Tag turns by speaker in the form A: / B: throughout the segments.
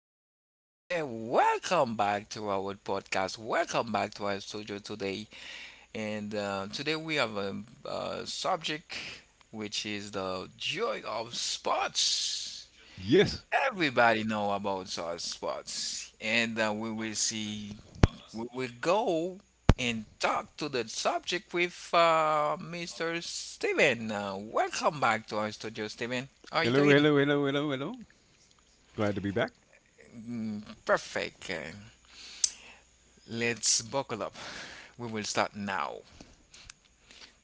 A: listeners. Today, welcome back to our podcast. Welcome back to our studio today. And today we have a subject which is the joy of sports.
B: Yes.
A: Everybody know about our sports, and we will see. We will go and talk to the subject with Mr. Steven. Welcome back to our studio, Steven. How are you
B: Hello,
A: doing?
B: hello, hello, hello, hello. Glad to be back.
A: Mm, perfect. Let's buckle up. We will start now.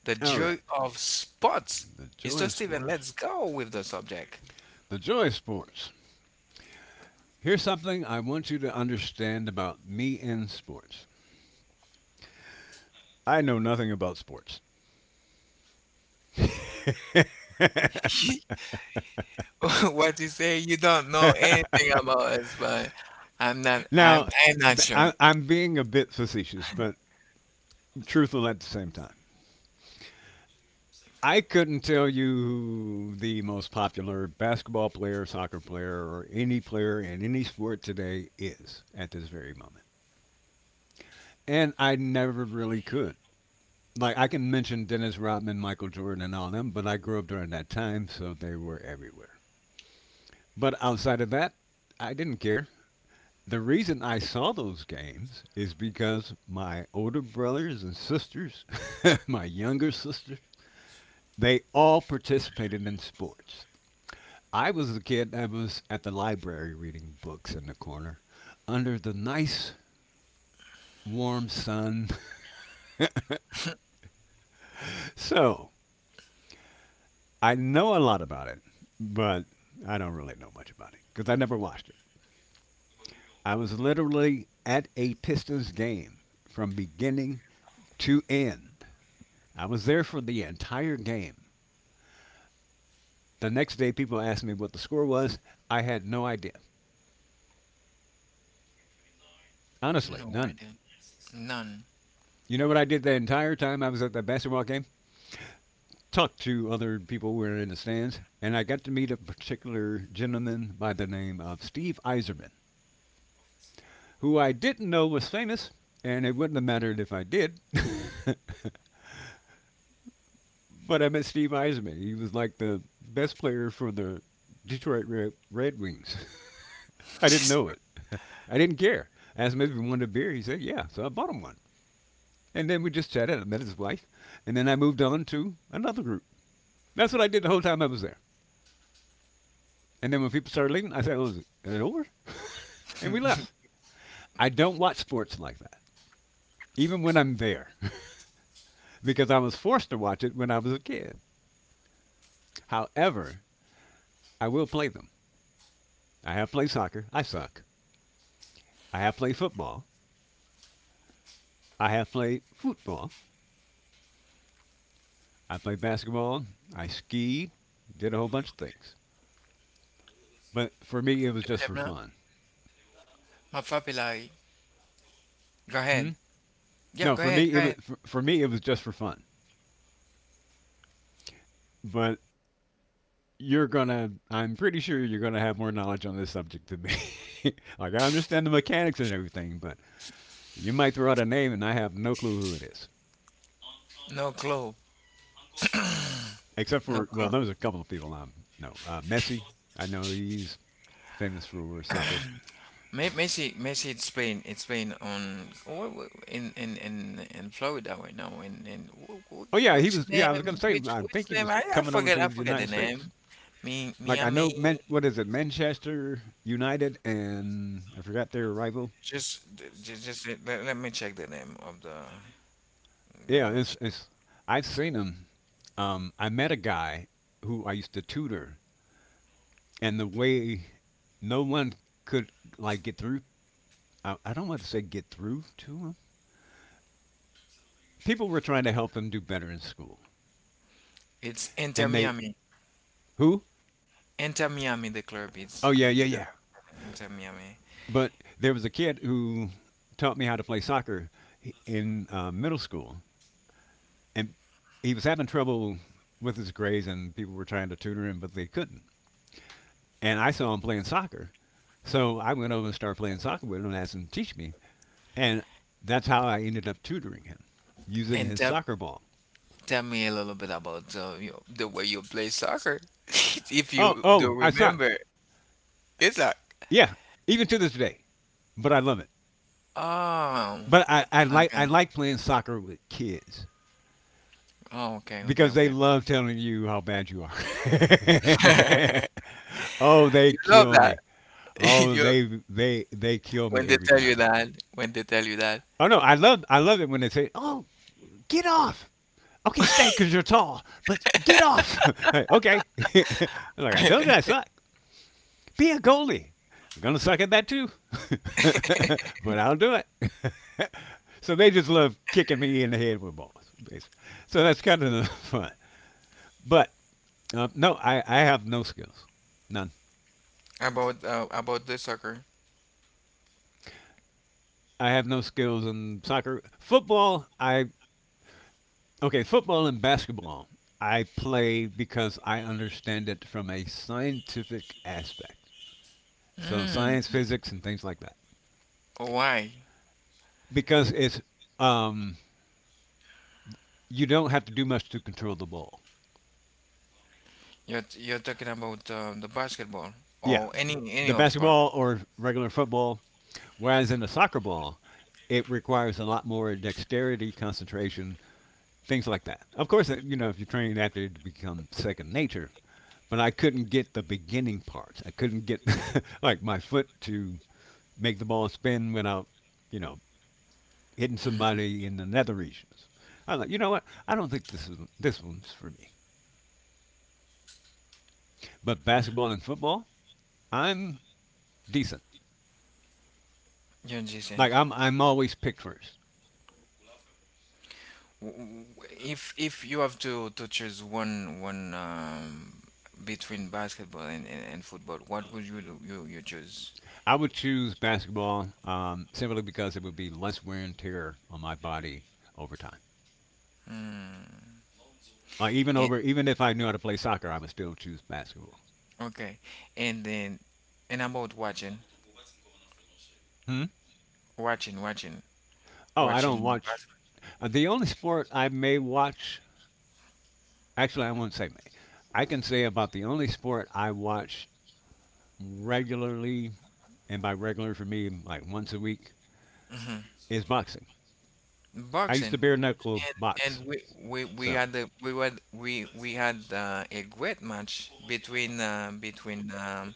A: The
B: All right.
A: joy of sports.
B: The joy
A: Mr.
B: of
A: Steven,
B: sports.
A: let's go with the subject.
B: The joy of sports. Here's something I want you to understand about me and sports. I know nothing about sports.
A: What you say? You don't know anything about us, but I'm not.
B: Now,
A: I'm. I'm not
B: th- I,
A: sure.
B: I'm being a bit facetious, but truthful at the same time. I couldn't tell you who the most popular basketball player, soccer player, or any player in any sport today is at this very moment. And I never really could. Like I can mention Dennis Rodman, Michael Jordan, and all them, but I grew up during that time, so they were everywhere. But outside of that, I didn't care. The reason I saw those games is because my older brothers and sisters, my younger sisters, they all participated in sports. I was the kid that was at the library reading books in the corner under the nice warm sun. So, I know a lot about it, but I don't really know much about it because I never watched it. I was literally at a Pistons game from beginning to end. I was there for the entire game. The next day, people asked me what the score was. I had no idea. Honestly,
A: No, I
B: none.
A: don't. None.
B: You know what I did the entire time I was at that basketball game? Talked to other people who were in the stands, and I got to meet a particular gentleman by the name of Steve Eiserman, who I didn't know was famous, and it wouldn't have mattered if I did. But I met Steve Eisman. He was like the best player for the Detroit Red Wings. I didn't
A: Just-
B: know it. I didn't care. I asked him if he wanted a beer. He said, yeah. So I bought him one. And then we just chatted. I met his wife. And then I moved on to another group. That's what I did the whole time I was there. And then when people started leaving, I said, oh, is it over? And we left. I don't watch sports like that, even when I'm there, because I was forced to watch it when I was a kid. However, I will play them. I have played soccer. I suck. I have played football. I have played football. I played basketball. I skied. Did a whole bunch of things. But for me, it was just
A: Deuxième
B: for
A: là?
B: fun.
A: Ma frappe est là. Go ahead.
B: Hmm?
A: Yeah,
B: No,
A: go
B: for
A: ahead. Go
B: me,
A: ahead.
B: for me it was just for fun. But I'm pretty sure you're gonna have more knowledge on this subject than me. Like I understand the mechanics and everything, but you might throw out a name and I have no clue who it is.
A: No clue.
B: Except
A: No
B: for, well,
A: clue.
B: there was a couple of people. No, Messi. I know he's famous for soccer.
A: May Messi Messi it's playing on wh- wh- in Florida right now, in
B: Oh yeah, he
A: which
B: was. Yeah, I was gonna
A: name
B: say.
A: which
B: I
A: which
B: think he
A: name
B: was
A: I, I
B: coming over
A: forget
B: to
A: I
B: the
A: forget the
B: United States.
A: name. Mi
B: Like I know,
A: Miami
B: What is it? Manchester United and I forgot their rival.
A: just just let me check the name of the. Let
B: Yeah,
A: me
B: it's
A: check.
B: it's. I've seen him. I met a guy who I used to tutor, and the way no one could like get through. I don't want to say get through to him. People were trying to help him do better in school,
A: It's Inter
B: and they.
A: Miami.
B: Who
A: Inter Miami, the club, it's,
B: Oh
A: it's
B: yeah,
A: the
B: yeah, yeah.
A: name, Inter Miami.
B: But there was a kid who taught me how to play soccer in middle school, and he was having trouble with his grades, and people were trying to tutor him, but they couldn't. And I saw him playing soccer, so I went over and started playing soccer with him and asked him to teach me, and that's how I ended up tutoring him using
A: And
B: his
A: tell,
B: soccer ball.
A: tell me a little bit about you, the way you play soccer if
B: Oh,
A: you do
B: oh, I suck.
A: remember. It's like.
B: Yeah, even to this day, but I love it.
A: Oh,
B: But I, I like
A: okay.
B: I like playing soccer with kids,
A: Oh, okay, okay,
B: because they
A: okay.
B: love telling you how bad you are. Oh, they
A: You love
B: kill
A: that.
B: me. Oh,
A: You
B: they kill
A: when
B: me
A: they
B: every
A: tell you
B: time.
A: that, when they tell you that.
B: Oh no, I love it when they say, "Oh, get off." Okay, stay because you're tall, but get off. Okay, like I told you, I suck. Be a goalie. I'm gonna suck at that too, but I'll do it. So they just love kicking me in the head with balls, basically. So that's kind of fun. But no, I have no skills. None.
A: About the soccer.
B: I have no skills in soccer. Football, I. Okay, football and basketball, I play because I understand it from a scientific aspect. So,
A: Mm,
B: science, physics, and things like that.
A: why?
B: Because it's. Um, you don't have to do much to control the ball.
A: You're talking about the basketball
B: Yeah.
A: or any
B: The
A: of sport.
B: basketball or regular football, whereas in a soccer ball, it requires a lot more dexterity, concentration, things like that. Of course, if you train after it becomes second nature, but I couldn't get the beginning parts. I couldn't get like my foot to make the ball spin without, you know, hitting somebody in the nether regions. I was like, you know what? I don't think this one's for me. But basketball and football, I'm decent.
A: Yeah, Jason.
B: Like I'm always picked first.
A: W- if you have to choose one between basketball and football, what would you you choose?
B: I would choose basketball, simply because it would be less wear and tear on my body over time.
A: And,
B: Even if I knew how to play soccer, I would still choose basketball.
A: okay, and then and about watching,
B: Hmm?
A: watching, watching.
B: Oh, I don't
A: Watching.
B: watch. The only sport I may watch, actually, I won't say may. I can say about the only sport I watch regularly, and by regular for me, like once a week,
A: Hmm.
B: is boxing. I used to
A: Boxing.
B: bare knuckle
A: and
B: box.
A: and we
B: So,
A: had the we had a great match between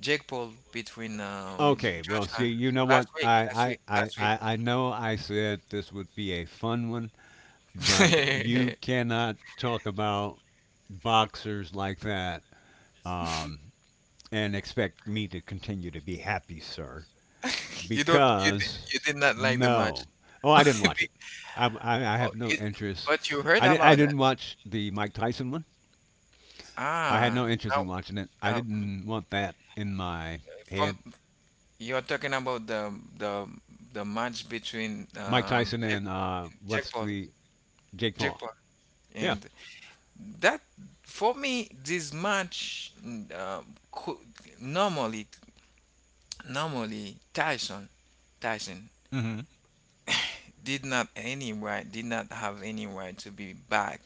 A: Jake Paul, between
B: okay, well, see,
A: Joshua
B: you know
A: last
B: what?
A: week last
B: I,
A: week
B: I, I,
A: last week.
B: I, I know I said this would be a fun one, but you cannot talk about boxers like that, um, and expect me to continue to be happy, sir,
A: you don't you did,
B: because
A: you did not like the match.
B: no. Oh, I didn't watch
A: Be-
B: it. I
A: Oh,
B: have no
A: it-
B: interest.
A: but you heard
B: I
A: about that.
B: didn't watch the Mike Tyson one. I had
A: Ah,
B: no interest in
A: now
B: watching it. I
A: uh,
B: didn't want that in my
A: from
B: head.
A: you're talking about the the match between
B: Mike Tyson and
A: Jake
B: what's
A: Paul
B: the Jake
A: Jake
B: Paul?
A: Paul
B: Yeah.
A: And that for me, this match, um, could, normally normally Tyson
B: Hmm.
A: did not have any right to be back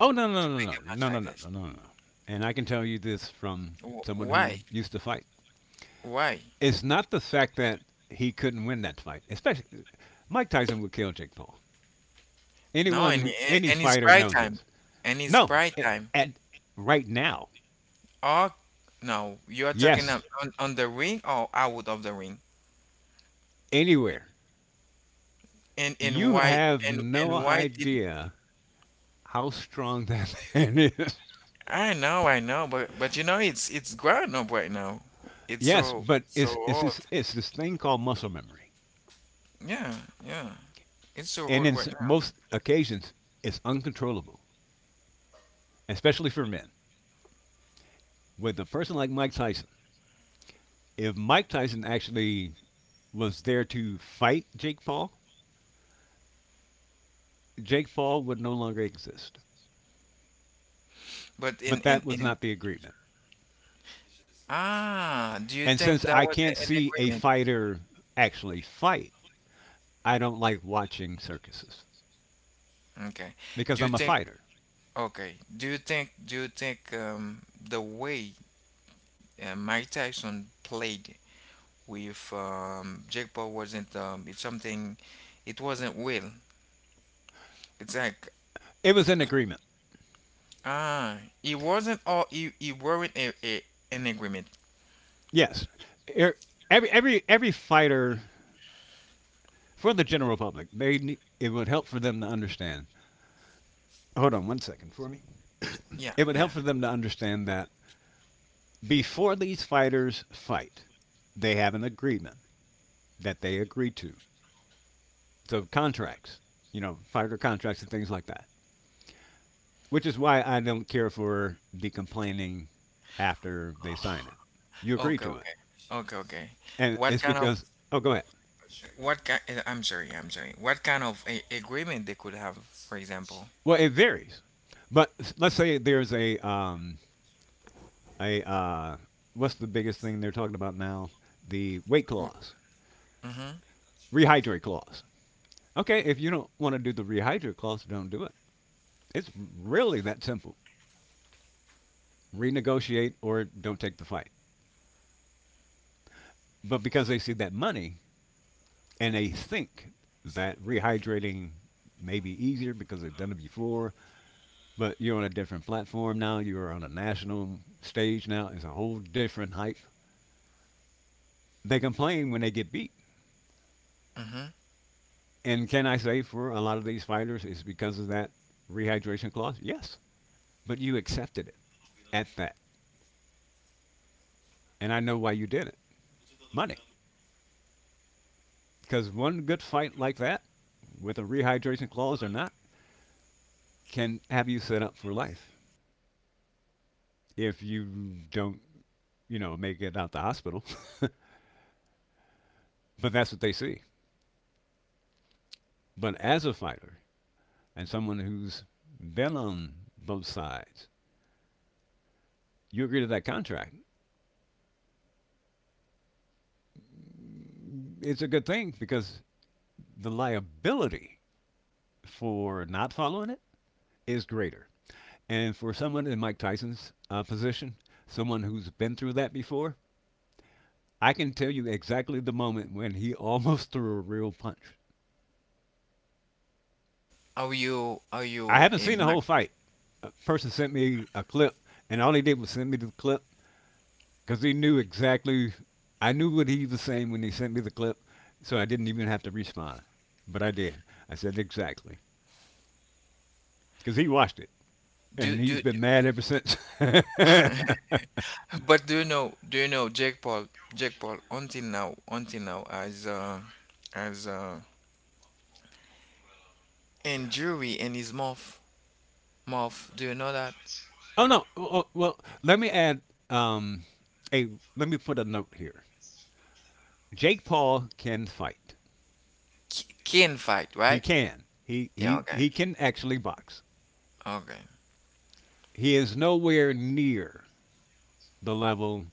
B: Oh, no, no,
A: to make
B: no, no,
A: a match
B: no, no, no,
A: like this.
B: no, no, no. No. And I can tell you this from
A: Wh-
B: someone who
A: Why?
B: used to fight.
A: Why?
B: Is not the fact that he couldn't win that fight. Especially, Mike Tyson would kill Jake Paul.
A: No,
B: Anyone, any
A: and it's
B: fighter
A: prime
B: knows
A: time,
B: this.
A: and it's
B: No,
A: prime time.
B: at right now,
A: Or, no, you are talking on,
B: yes,
A: on the ring or out of the ring.
B: anywhere.
A: And and
B: You
A: why
B: have no
A: and why did
B: idea how strong that man is.
A: I know, but it's grown up right now. It's
B: Yes,
A: so
B: but
A: so
B: it's it's
A: old.
B: this it's this thing called muscle memory,
A: Yeah, yeah, it's so
B: and
A: old
B: in
A: right now.
B: most occasions, it's uncontrollable, especially for men. With a person like Mike Tyson, if Mike Tyson actually was there to fight Jake Paul, Jake Paul would no longer exist.
A: But
B: But that was
A: in
B: not the agreement.
A: Ah, do you
B: And
A: think
B: since
A: that
B: I
A: was
B: can't
A: an
B: see a
A: agreement?
B: fighter actually fight, I don't like watching circuses
A: Okay.
B: because
A: Do you
B: I'm a
A: think,
B: fighter.
A: okay? Do you think, the way Mike Tyson played with Jake Paul wasn't, it's something, it wasn't real. It's like,
B: It was an agreement.
A: ah, it wasn't all. He weren't a an agreement.
B: Yes. Er- every fighter, for the general public, they it would help for them to understand. Hold on one second for me.
A: Yeah,
B: It would
A: yeah.
B: help for them to understand that before these fighters fight, they have an agreement that they agree to. So contracts, fighter contracts and things like that. Which is why I don't care for the complaining after they sign it. You agree
A: Okay,
B: to it,
A: okay. Okay, okay.
B: and
A: What
B: it's
A: kind of
B: because oh, go ahead.
A: what kind I'm sorry. What kind of a agreement they could have, for example?
B: Well, it varies, but let's say there's a what's the biggest thing they're talking about now? The weight clause,
A: Mm-hmm.
B: rehydrate clause. Okay, if you don't want to do the rehydrate clause, don't do it. It's really that simple. Renegotiate or don't take the fight. But because they see that money, and they think that rehydrating may be easier because they've done it before, but you're on a different platform now. You're on a national stage now. It's a whole different hype. They complain when they get beat.
A: Mm-hmm.
B: And can I say for a lot of these fighters, it's because of that rehydration clause? Yes. But you accepted it at that. And I know why you did it money. Because one good fight like that, with a rehydration clause or not, can have you set up for life if you don't, may get out the hospital, but that's what they see. But as a fighter and someone who's been on both sides, you agree to that contract. It's a good thing because the liability for not following it is greater. And for someone in Mike Tyson's, position, someone who's been through that before, I can tell you exactly the moment when he almost threw a real punch.
A: Are you are
B: I
A: you
B: haven't
A: a
B: seen the
A: Mac?
B: whole fight. A person sent me a clip, and all he did was send me the clip because he knew exactly. I knew what he was saying when he sent me the clip, so I didn't even have to respond. But I did. I said exactly because he watched it,
A: Do,
B: and he's
A: do
B: been mad ever since. Oh
A: But do you know, Jake Paul, until now, as injury in his mouth, do you know that?
B: no! Well, let me add. Um, a let me put a note here. Jake Paul can fight.
A: Cane fight,
B: He
A: right?
B: can. He
A: Yeah,
B: he
A: okay.
B: he can actually box.
A: Okay.
B: He is nowhere near the level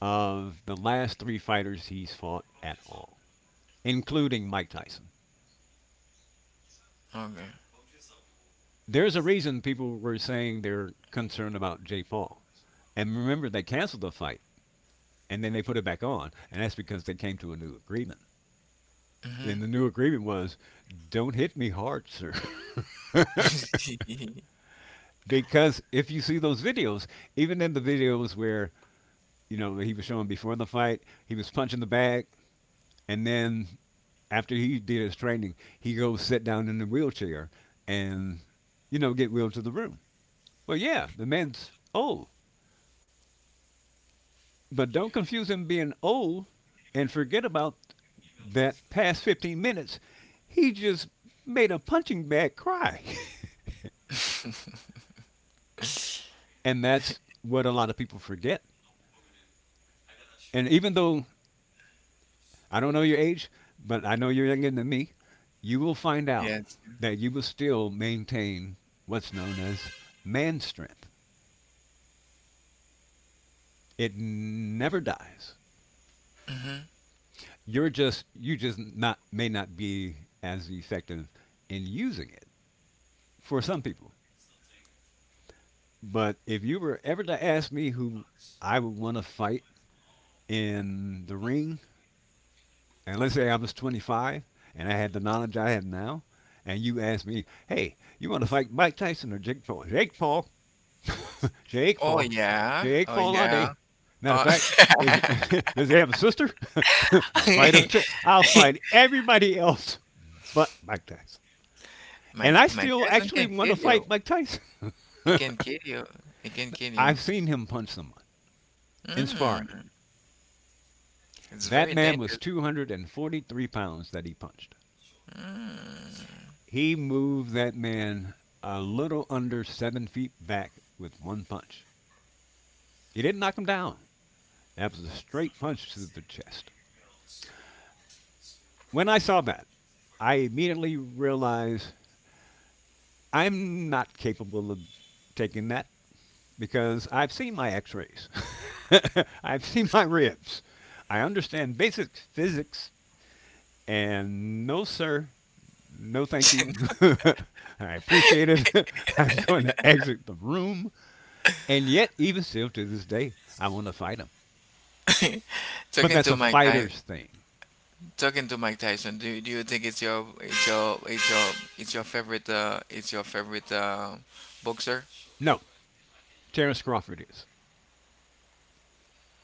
B: of the last three fighters he's fought at all, including Mike Tyson.
A: Okay.
B: There's a reason people were saying they're concerned about Jay Paul. And remember, they canceled the fight and then they put it back on. And that's because they came to a new agreement. And the new agreement was don't hit me hard, sir.
A: Mm-hmm.
B: Because if you see those videos, even in the videos where, he was showing before the fight, he was punching the bag. And then after he did his training, he goes sit down in the wheelchair and get wheeled to the room. Well, yeah, the man's old. But don't confuse him being old and forget about that past 15 minutes. He just made a punching bag cry. And that's what a lot of people forget. And even though I don't know your age, but I know you're younger than me, you will find out
A: Yes.
B: that you will still maintain what's known as man strength. It never dies. You're just you just not may not be as effective in using it for some people. But if you were ever to ask me who I would want to fight in the ring, and let's say I was 25 and I had the knowledge I had now, and you asked me, hey, you want to fight Mike Tyson or Jake Paul? Jake Paul. Jake
A: Oh
B: Paul.
A: yeah,
B: Jake
A: oh
B: Paul all day.
A: yeah.
B: Matter of
A: Uh,
B: fact, is does he have a sister? I'll fight her too. I'll fight everybody else but Mike Tyson. And I
A: my
B: still
A: cousin
B: actually
A: can
B: want to
A: kill
B: fight
A: you.
B: Mike Tyson.
A: It can kill you. It can kill you.
B: I've seen him punch someone in sparring.
A: Mm, it's
B: That
A: very
B: man was
A: dangerous.
B: 243 pounds that he punched.
A: Mm.
B: He moved that man a little under 7 feet back with one punch. He didn't knock him down. That was a straight punch to the chest. When I saw that, I immediately realized I'm not capable of taking that because I've seen my x rays, I've seen my ribs. I understand basic physics. And no, sir, no, thank you. I appreciate it. I'm going to exit the room. And yet, even still to this day, I want to fight him. But
A: Talking
B: that's
A: to
B: a
A: Mike Ty
B: fighter's thing.
A: Talking to Mike Tyson. Do you think it's your favorite boxer?
B: No, Terrence Crawford is.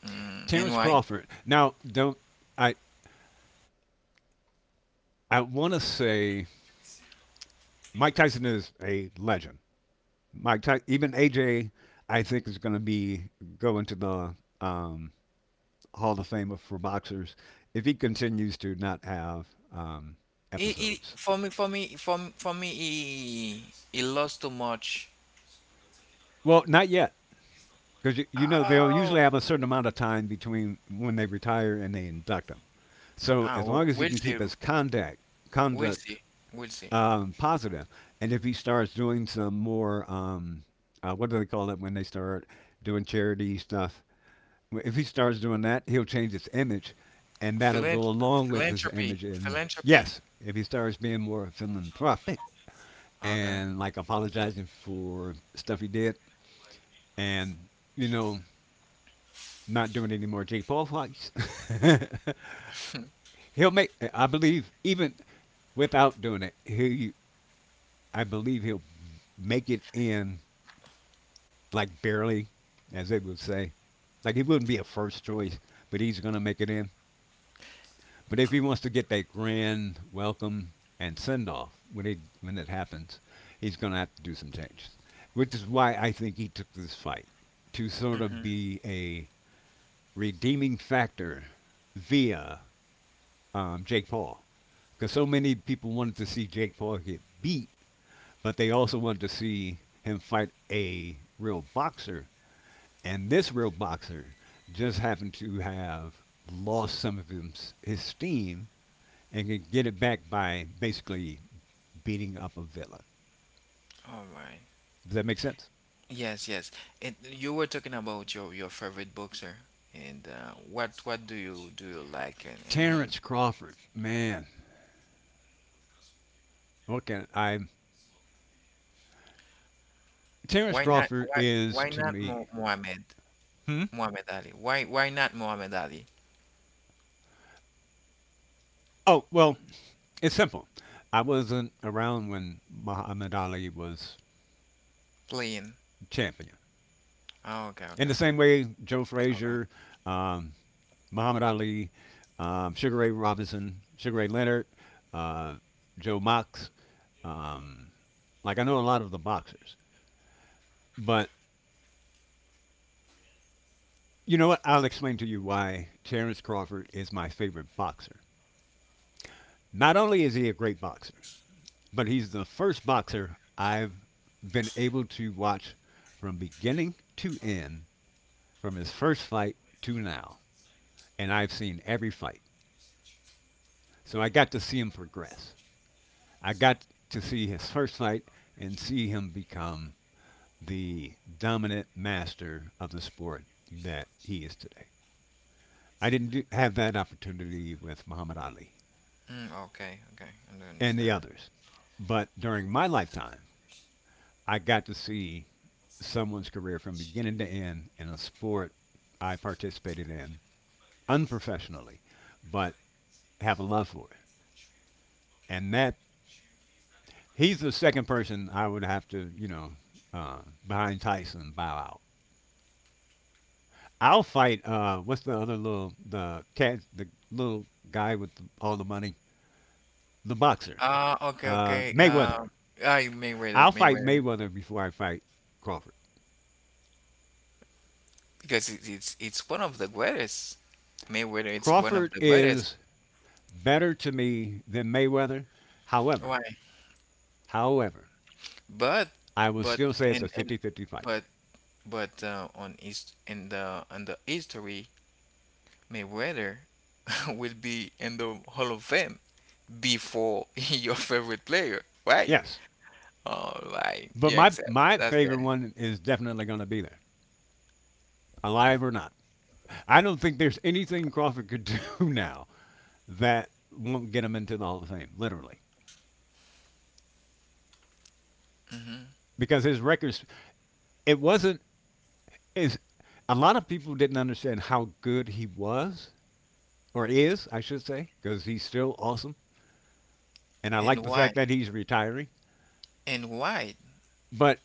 A: Mm, and
B: Terrence
A: why?
B: Crawford. Now, don't I? I want to say Mike Tyson is a legend. Mike Tyson, even AJ, I think is going to be go into the um, Hall of Famer for boxers if he continues to not have um,
A: He,
B: episodes.
A: for me, for me, for, m- For me, he lost too much.
B: Well, not yet, because you know they'll usually
A: Oh.
B: have a certain amount of time between when they retire and they induct him. So as long as he
A: We'll
B: can keep
A: see.
B: his conduct
A: We'll
B: conduct
A: see. We'll see.
B: positive. And if he starts doing some more, what do they call it when they start doing charity stuff? Well, if he starts doing that, he'll change his image, and that'll
A: Philan-
B: go along with his
A: Philanthropy.
B: image. And
A: Philanthropy.
B: yes, if he starts being more philanthropic
A: Okay.
B: and like apologizing for stuff he did, and you know, not doing any more Jake Paul fights, he'll make. I believe even without doing it, he. I believe he'll make it in like barely, as they would say. Like he wouldn't be a first choice, but he's gonna make it in. But if he wants to get that grand welcome and send off when it happens, he's gonna have to do some changes. Which is why I think he took this fight to sort of
A: Mm-hmm.
B: be a redeeming factor via Jake Paul, because so many people wanted to see Jake Paul get beat, but they also wanted to see him fight a real boxer. And this real boxer just happened to have lost some of his steam and could get it back by basically beating up a villain.
A: All right.
B: Does that make sense?
A: Yes, yes. And you were talking about your favorite boxer, and what do you like in him?
B: Terrence Crawford, man, what can I? Terrence
A: Why not?
B: Crawford
A: Why
B: is
A: why
B: to
A: not
B: me.
A: Mo- Muhammad
B: Hmm.
A: Muhammad Ali? Why not Muhammad Ali
B: Oh well, it's simple. I wasn't around when Muhammad Ali was
A: playing?
B: champion.
A: Oh, okay,
B: In
A: okay,
B: the
A: okay,
B: same way, Joe
A: okay.
B: Frazier, um, Muhammad Ali, Sugar Ray Robinson, Sugar Ray Leonard, uh, Joe Mox. Um, like I know a lot of the boxers, but you know what? I'll explain to you why Terrence Crawford is my favorite boxer. Not only is he a great boxer, but he's the first boxer I've been able to watch from beginning to end, from his first fight to now, and I've seen every fight. So I got to see him progress. I got to see his first fight and see him become the dominant master of the sport that he is today. I didn't do, have that opportunity with Muhammad Ali
A: Mm, okay, okay. I do
B: and the
A: understand. Now.
B: others, but during my lifetime, I got to see someone's career from beginning to end in a sport I participated in unprofessionally, but have a love for it. And that he's the second person I would have to, you know, uh, behind Tyson, bow out. I'll fight. What's the other little the cat, the little guy with all the money, the boxer,
A: Okay, okay.
B: Mayweather.
A: I Mayweather,
B: I'll fight
A: Mayweather.
B: Mayweather before I fight Crawford.
A: Because it's one of the greatest. Mayweather, it's one of
B: Crawford
A: the greatest.
B: is better to me than Mayweather. However,
A: Why?
B: however,
A: But.
B: I will
A: But
B: still say it's a
A: and
B: fifty-fifty fight.
A: but but on his in the history, Mayweather will be in the Hall of Fame before your favorite player. Right?
B: Yes,
A: All right.
B: but
A: Yeah,
B: my
A: exactly.
B: my
A: That's
B: favorite
A: good.
B: one is definitely going to be there, alive or not. I don't think there's anything Crawford could do now that won't get him into the Hall of Fame, literally.
A: Hmm.
B: Because his records, it wasn't is a lot of people didn't understand how good he was or is, I should say, because he's still awesome, and I
A: And
B: like the
A: why?
B: fact that he's retiring,
A: And why?
B: but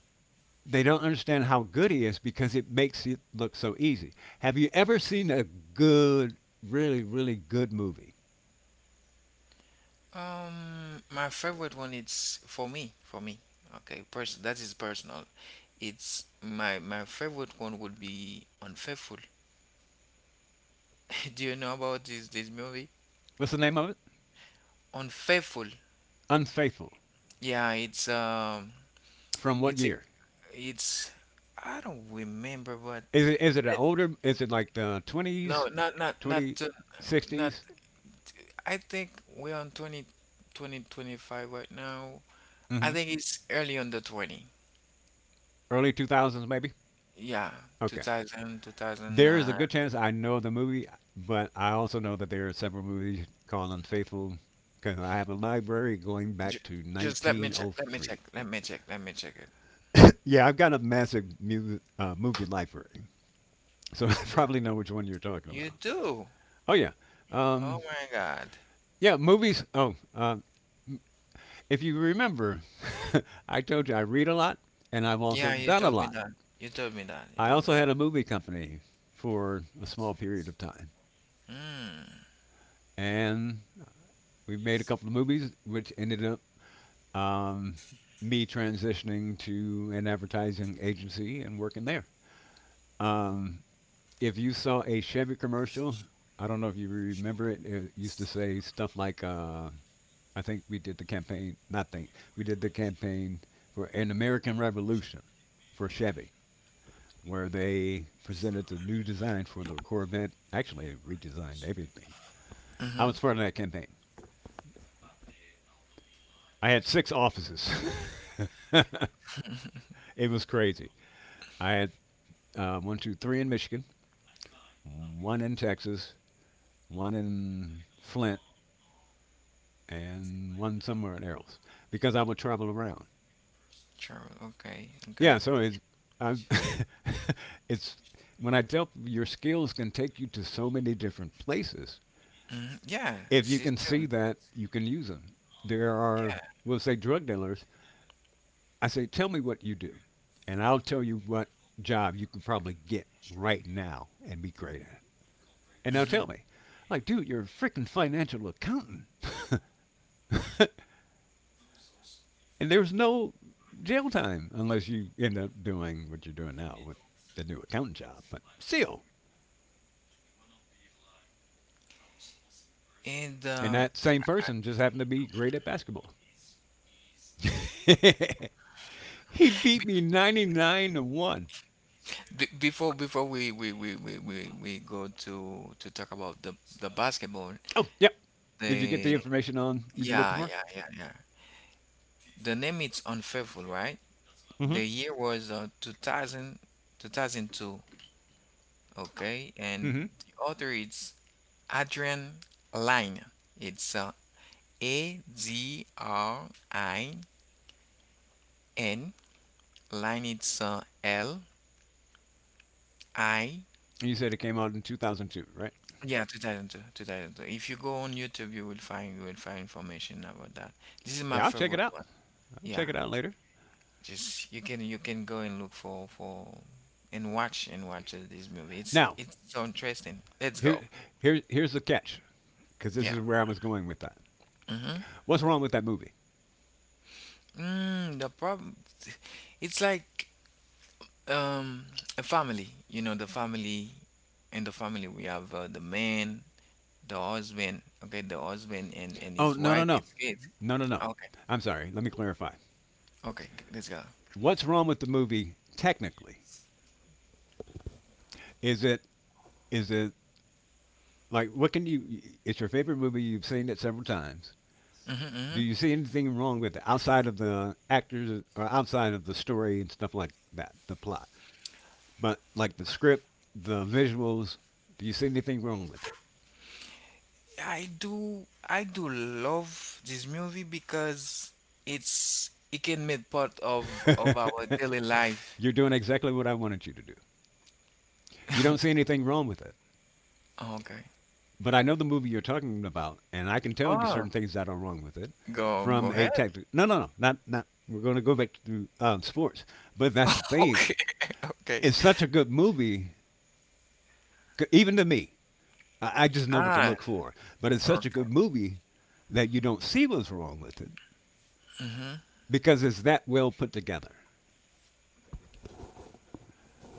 B: they don't understand how good he is because it makes it look so easy. Have you ever seen a good, really, really good movie?
A: My favorite one, it's for me, for me. Okay, person that is personal. It's my favorite one would be Unfaithful. Do you know about this movie?
B: What's the name of it?
A: Unfaithful.
B: Unfaithful.
A: Yeah, it's
B: From what
A: it's a,
B: year?
A: it's. I don't remember, but
B: Is it an
A: let
B: older? Is it like the
A: no,
B: twenties, twenty
A: not.
B: sixties,
A: I think we're on 25 right now. I
B: mm-hmm.
A: think it's early on the 20.
B: Early 2000s maybe?
A: Yeah,
B: Okay.
A: two thousand two thousand.
B: There is a good chance I know the movie, but I also know that there are several movies called Unfaithful because I have a library going
A: Ju-
B: back to
A: Just let me check. Let me check.
B: 1903.
A: Let me check. Let me check it.
B: Yeah, I've got a massive movie library, so I
A: Mhm.
B: probably know which one you're talking
A: You
B: about.
A: do.
B: Oh yeah,
A: Oh
B: um,
A: my God.
B: yeah, movies. Oh, if you remember, I told you I read a lot, and I've
A: Yeah,
B: also
A: you
B: done a
A: told me
B: lot.
A: that. You told me that. You
B: I
A: told me
B: also
A: that.
B: had a movie company for a small period of time,
A: Hmm.
B: and we made a couple of movies, which ended up um, me transitioning to an advertising agency and working there. Um, if you saw a Chevy commercial, I don't know if you remember it. It used to say stuff like, "I think we did the campaign. Not think we did the campaign for an American Revolution for Chevy." Where they presented the new design for the Corvette. Actually, they redesigned everything. I
A: Mm-hmm.
B: was part of that campaign. I had six offices. It was crazy. I had one, two, three in Michigan, one in Texas, one in Flint, and one somewhere in else because I would travel around.
A: True. Okay. Okay.
B: Yeah, so it's I've it's when I tell people your skills can take you to so many different places.
A: Hmm. Yeah,
B: If
A: this
B: you
A: is
B: can see
A: true.
B: that, you can use them. There are,
A: Yeah.
B: we'll say, drug dealers. I say, tell me what you do, and I'll tell you what job you could probably get right now and be great at it. And they'll tell
A: Hmm.
B: me, like, dude, you're a freaking financial accountant. And there's no jail time unless you end up doing what you're doing now with the new accountant job. But still,
A: And
B: and that same person just happened to be great at basketball. He beat
A: be-
B: me 99-1.
A: before we go to talk about the, basketball,
B: Oh, yep. Did you get the
A: the.
B: information on you were looking
A: Yeah,
B: for?
A: yeah, yeah, yeah. The name is unfaithful, right?
B: Mm-hmm.
A: The year was 2000, okay? And
B: Mm-hmm.
A: the author is Adrian Lyne. It's Adrin. Line, it's L I.
B: You said it came out in 2002, right?
A: Yeah, 2002, 2002. If you go on YouTube, you will find, information about that. This is my
B: Yeah, I'll check it
A: favorite
B: out.
A: one.
B: I'll check
A: Yeah,
B: it out later.
A: just you can, go and look for, and watch, this movie. It's
B: Now,
A: so interesting. Let's
B: here,
A: go.
B: here's the catch, because this
A: Yeah.
B: is where I was going with that.
A: Hmm.
B: What's wrong with that movie?
A: Mm, the problem, it's like, um, a family. You know, the family, in the family we have the man, the husband. Okay, the husband and
B: Oh,
A: his
B: no, no,
A: wife,
B: no.
A: his kids.
B: No, no, no.
A: Okay,
B: I'm sorry. Let me clarify.
A: okay, let's go.
B: What's wrong with the movie technically? Is it is it like what can you it's your favorite movie, you've seen it several times.
A: Hmm.
B: Do
A: Hmm.
B: you see anything wrong with it outside of the actors or outside of the story and stuff like that, the plot? But like the script, the visuals, do you see anything wrong with it?
A: I do love this movie because it's. It can make part of our daily life.
B: You're doing exactly what I wanted you to do. You don't see anything wrong with it.
A: Okay.
B: But I know the movie you're talking about, and I can tell you
A: Oh,
B: certain things that are wrong with it
A: go,
B: from a
A: ahead.
B: technical. No, no, no, not. We're going to go back to sports, but that's the thing.
A: Okay, okay.
B: It's such a good movie, even to me. I just know what to
A: Ah,
B: look for. But it's
A: okay.
B: such a good movie that you don't see what's wrong with it
A: Mm-hmm.
B: because it's that well put together.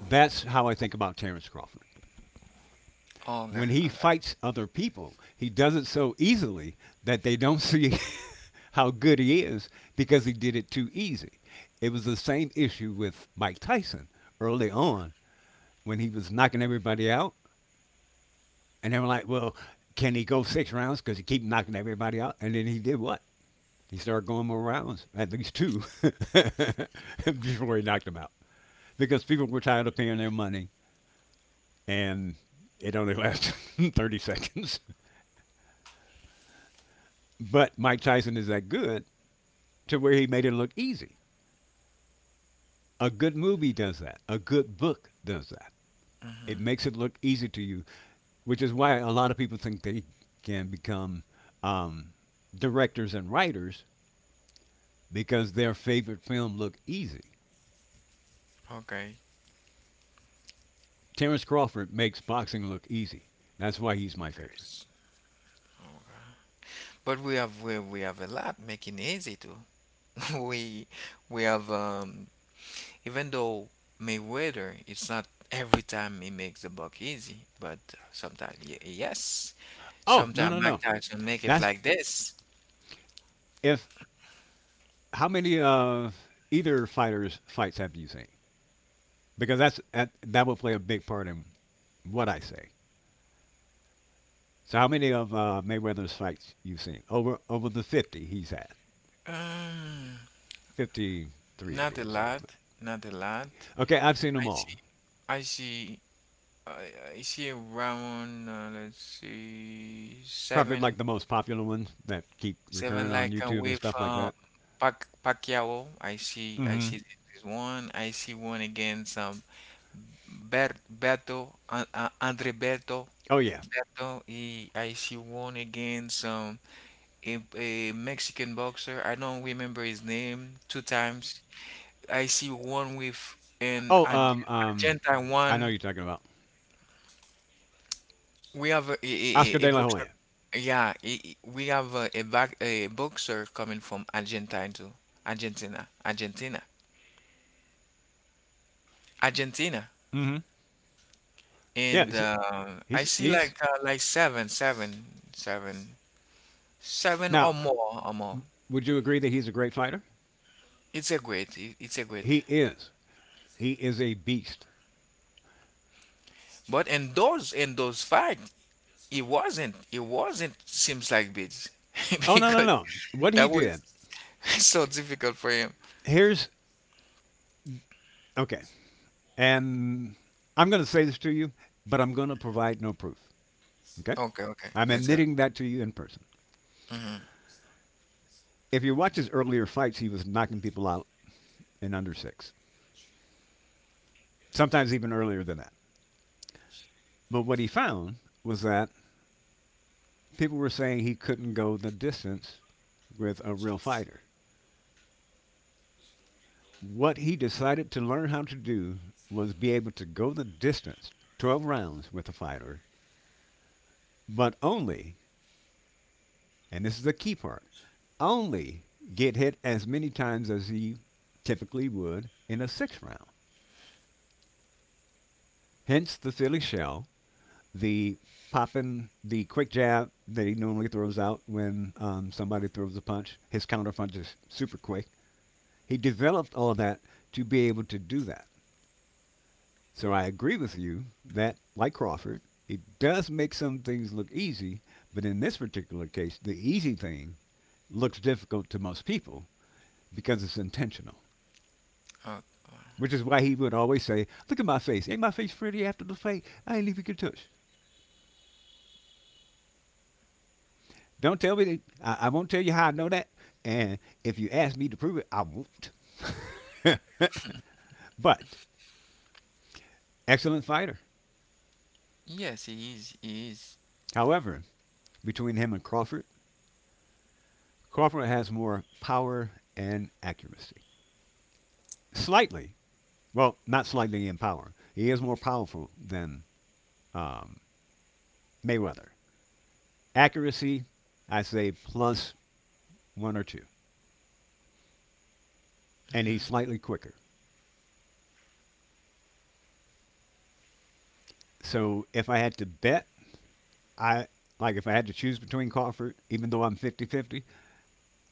B: That's how I think about Terrence Crawford. When he
A: Okay.
B: fights other people, he does it so easily that they don't see how good he is because he did it too easy. It was the same issue with Mike Tyson early on when he was knocking everybody out, and they were like, "Well, can he go six rounds? Because he keep knocking everybody out." And then he did what? He started going more rounds, at least two, before he knocked him out, because people were tired of paying their money, and it only lasted 30 seconds. But Mike Tyson is that good to where he made it look easy. A good movie does that. A good book does that. It makes it look easy to you, which is why a lot of people think they can become um, directors and writers because their favorite film look easy.
A: Okay.
B: Terrence Crawford makes boxing look easy. That's why he's my
A: There
B: favorite.
A: is. Okay. But we have, a lot making it easy too. we we have, even though Mayweather, it's not every time he makes the buck easy, but sometimes, y yes.
B: Oh, no,
A: Sometimes
B: no,
A: Mike
B: no.
A: Tyson make it
B: That's
A: like this.
B: if how many of either fighters fights have you seen? Because that will play a big part in what I say. So how many of Mayweather's fights you've seen? Over the 50 he's had,
A: Um,
B: 53 to be
A: Not a
B: exact.
A: lot,
B: But
A: not a lot.
B: okay, I've seen them
A: I
B: all.
A: see, I see, I, see around, let's see,
B: Probably
A: seven.
B: like the most popular ones that keep
A: Seven
B: recurring on
A: like
B: YouTube and
A: with
B: stuff like that.
A: Pacquiao. I
B: Mm-hmm.
A: see this one. I see one against Ber Beto, Andre Beto.
B: Oh yeah.
A: Beto. He, I see one against a Mexican boxer. I don't remember his name. Two times. I see one with an
B: Oh,
A: Argentine
B: I know who
A: one.
B: you're talking about.
A: We have
B: Oscar
A: a
B: De La
A: boxer.
B: Hoya.
A: Yeah, we have a boxer coming from Argentina too. Argentina, Argentina, Argentina.
B: Mm-hmm. Yeah,
A: And
B: he's,
A: I
B: he's
A: see
B: he's
A: like seven, seven, seven,
B: now.
A: or more.
B: Would you agree that he's a great fighter?
A: It's a great. It's a great.
B: He is. He is a beast.
A: But in those, fight. It wasn't. It wasn't. Seems like bids
B: Oh, no, no,
A: because
B: no. What he
A: that was
B: did.
A: so difficult for him.
B: Here's okay. And I'm going to say this to you, but I'm going to provide no proof. Okay?
A: Okay, okay,
B: I'm
A: let's go.
B: admitting that to you in person.
A: Hmm.
B: If you watch his earlier fights, he was knocking people out in under six, sometimes even earlier than that. But what he found was that people were saying he couldn't go the distance with a real fighter. What he decided to learn how to do was be able to go the distance, 12 rounds with a fighter, but only, and this is the key part, only get hit as many times as he typically would in a sixth round. Hence the Philly shell, the popping, the quick jab that he normally throws out when somebody throws a punch. His counter punch is super quick. He developed all that to be able to do that. So I agree with you that, like Crawford, he does make some things look easy, but in this particular case, the easy thing looks difficult to most people because it's intentional.
A: Oh,
B: Which is why he would always say, "Look at my face. Ain't my face pretty after the fight? I ain't even get touched." Don't tell me that. I won't tell you how I know that. And if you ask me to prove it, I won't. But excellent fighter.
A: yes, he is. He is.
B: However, between him and Crawford, Crawford has more power and accuracy. Slightly, well, not slightly in power. He is more powerful than um, Mayweather. Accuracy, I say plus one or two, and he's
A: Mm-hmm.
B: slightly quicker. So if I had to bet, I like if I had to choose between Crawford, even though I'm 50-50,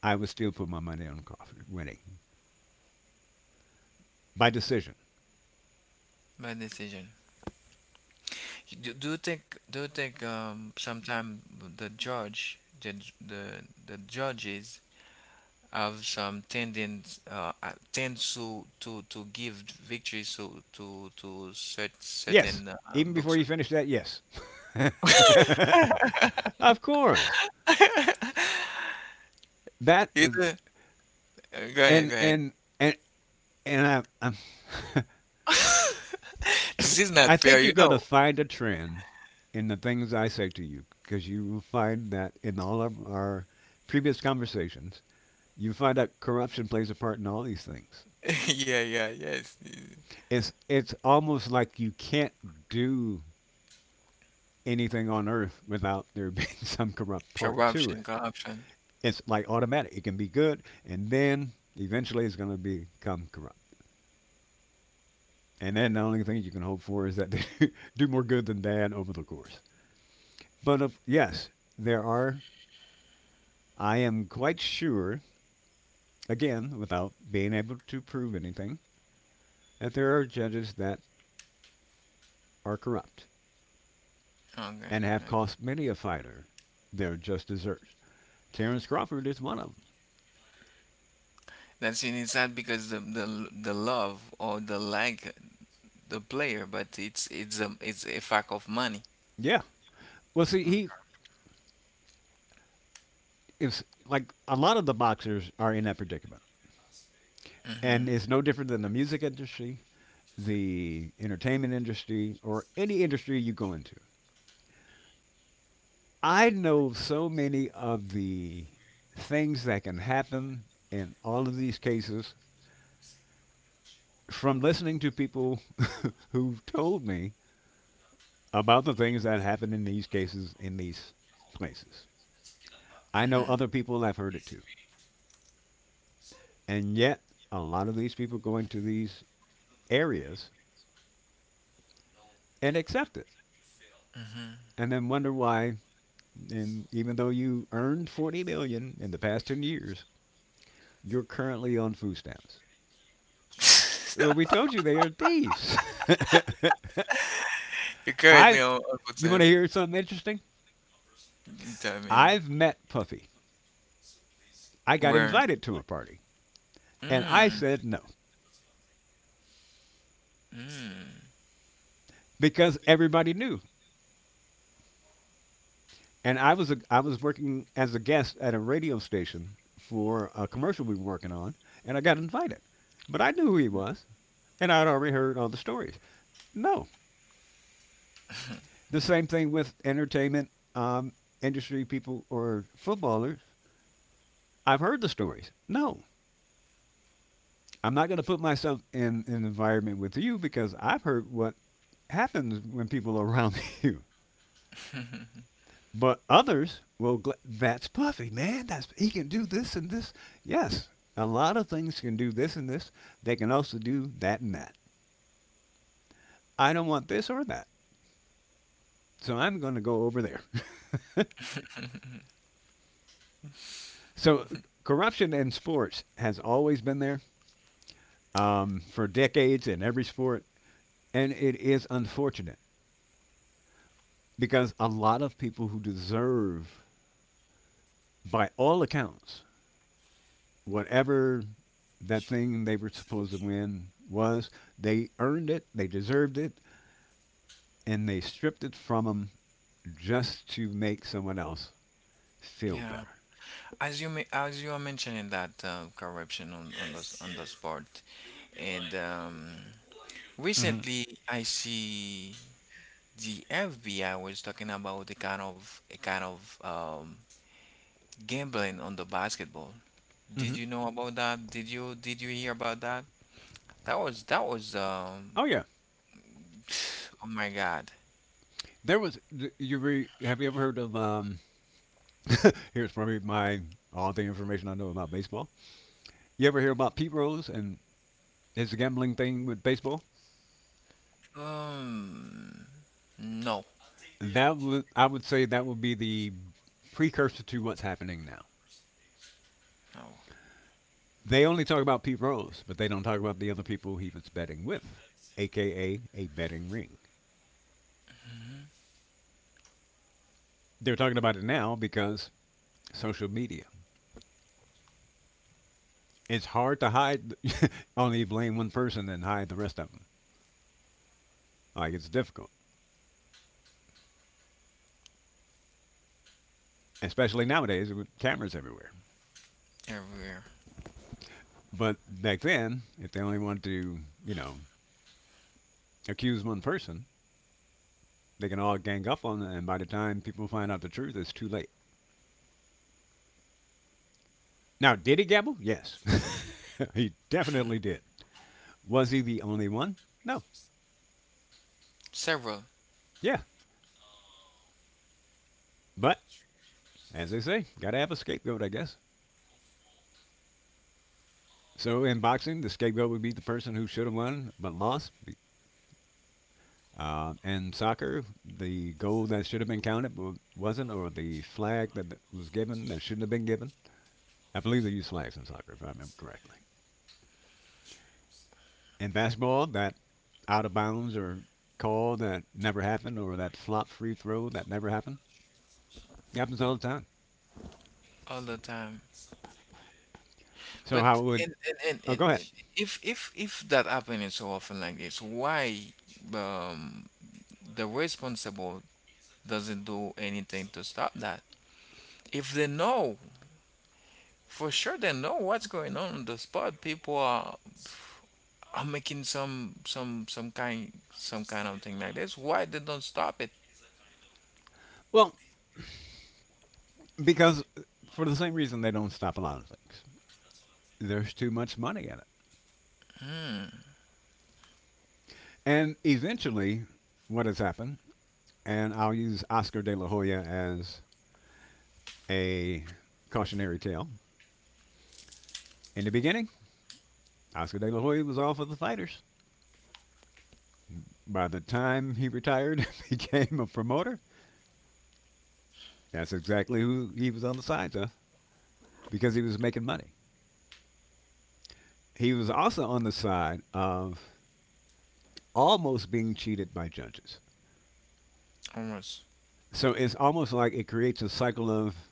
B: I would still put my money on Crawford winning by decision.
A: Bad decision. You- Do, do you think, sometimes the judge, the j- the judges have some tendons, tend to, give victories to, certain
B: Yes, even before you
A: boxer?
B: finish that, yes. Of course. That is-
A: Either, go ahead,
B: and
A: go ahead.
B: and and and
A: This is
B: I
A: not fair,
B: think
A: you
B: you're going to
A: know.
B: find a trend in the things I say to you because you will find that in all of our previous conversations, you find that corruption plays a part in all these things.
A: Yeah, yeah, yes.
B: It's almost like you can't do anything on earth without there being some corrupt part to
A: Corruption,
B: it.
A: corruption.
B: It's like automatic. It can be good, and then eventually it's going to become corrupt. And then the only thing you can hope for is that they do more good than bad over the course. But of, yes, there are. I am quite sure, again, without being able to prove anything, that there are judges that are corrupt
A: Okay,
B: and have
A: okay.
B: cost many a fighter their just deserts. Terrence Crawford is one of them.
A: That's in, it's not because the, the love or the lack, the player, but it's. It's a fact of money.
B: Yeah. Well, see, he is, like a lot of the boxers are in that predicament, and
A: Mm-hmm.
B: it's no different than the music industry, the entertainment industry, or any industry you go into. I know so many of the things that can happen in all of these cases from listening to people who've told me about the things that happen in these cases in these places. I know other people have heard it too. And yet, a lot of these people going to these areas and accept it
A: Mm-hmm.
B: and then wonder why, and even though you earned 40 million dollars in the past 10 years, you're currently on food stamps. Well, we told you they are thieves.
A: You
B: I
A: currently on
B: you want to
A: percent.
B: hear something interesting,
A: Tell me
B: I've met Puffy. I got
A: where.
B: invited to a party and I
A: Mm.
B: said no,
A: Mm.
B: because everybody knew, and I was working as a guest at a radio station for a commercial we were working on, and I got invited, but I knew who he was, and I'd already heard all the stories. No, the same thing with entertainment um, industry people or footballers. I've heard the stories. No, I'm not going to put myself in an environment with you because I've heard what happens when people are around you. But others will. That's Puffy, man. That's he can do this and this. Yes, a lot of things can do this and this. They can also do that and that. I don't want this or that, so I'm going to go over there. So corruption in sports has always been there for decades in every sport. And it is unfortunate because a lot of people who deserve, by all accounts, whatever that thing they were supposed to win was, they earned it, they deserved it, and they stripped it from them just to make someone else feel
A: Yeah,
B: better.
A: as you, as you are mentioning that, corruption on, the on the sport, and,
B: Mm-hmm.
A: recently I see the FBI was talking about a kind of, gambling on the basketball. Did
B: Mm-hmm.
A: you know about that? Did you hear about that? That was, that was,
B: Oh yeah,
A: Oh my god.
B: there was. Have you ever heard of? Here's probably my all the information I know about baseball. You ever hear about Pete Rose and is the gambling thing with baseball.
A: Um, no,
B: That would I would say that would be the precursor to what's happening now.
A: no,
B: They only talk about Pete Rose, but they don't talk about the other people he was betting with, aka a betting ring. They're talking about it now because social media. It's hard to hide, only blame one person and hide the rest of them. Like it's difficult, especially nowadays with cameras everywhere.
A: everywhere,
B: But back then, if they only wanted to, you know, accuse one person, they can all gang up on them, and by the time people find out the truth, it's too late. Now, did he gamble? Yes. He definitely did. Was he the only one? No.
A: several,
B: Yeah. But, as they say, gotta have a scapegoat, I guess. So, in boxing, the scapegoat would be the person who should have won but lost. In soccer, the goal that should have been counted wasn't, or the flag that was given that shouldn't have been given. I believe they use flags in soccer, if I remember correctly. In basketball, that out of bounds or call that never happened, or that flop free throw that never happened. It happens all the time.
A: all the time.
B: So how
A: But
B: would? Oh, go ahead.
A: and if, that happening so often like this, why um the responsible doesn't do anything to stop that? If they know for sure, they know what's going on the spot. People are, making some kind of thing like this. Why they don't stop it?
B: Well, because for the same reason they don't stop a lot of things. There's too much money in it, and eventually, what has happened? And I'll use Oscar De La Hoya as a cautionary tale. In the beginning, Oscar De La Hoya was all for the fighters. By the time he retired and became a promoter, that's exactly who he was on the sides of. Because he was making money. He was also on the side of almost being cheated by judges.
A: Almost.
B: So it's almost like it creates a cycle of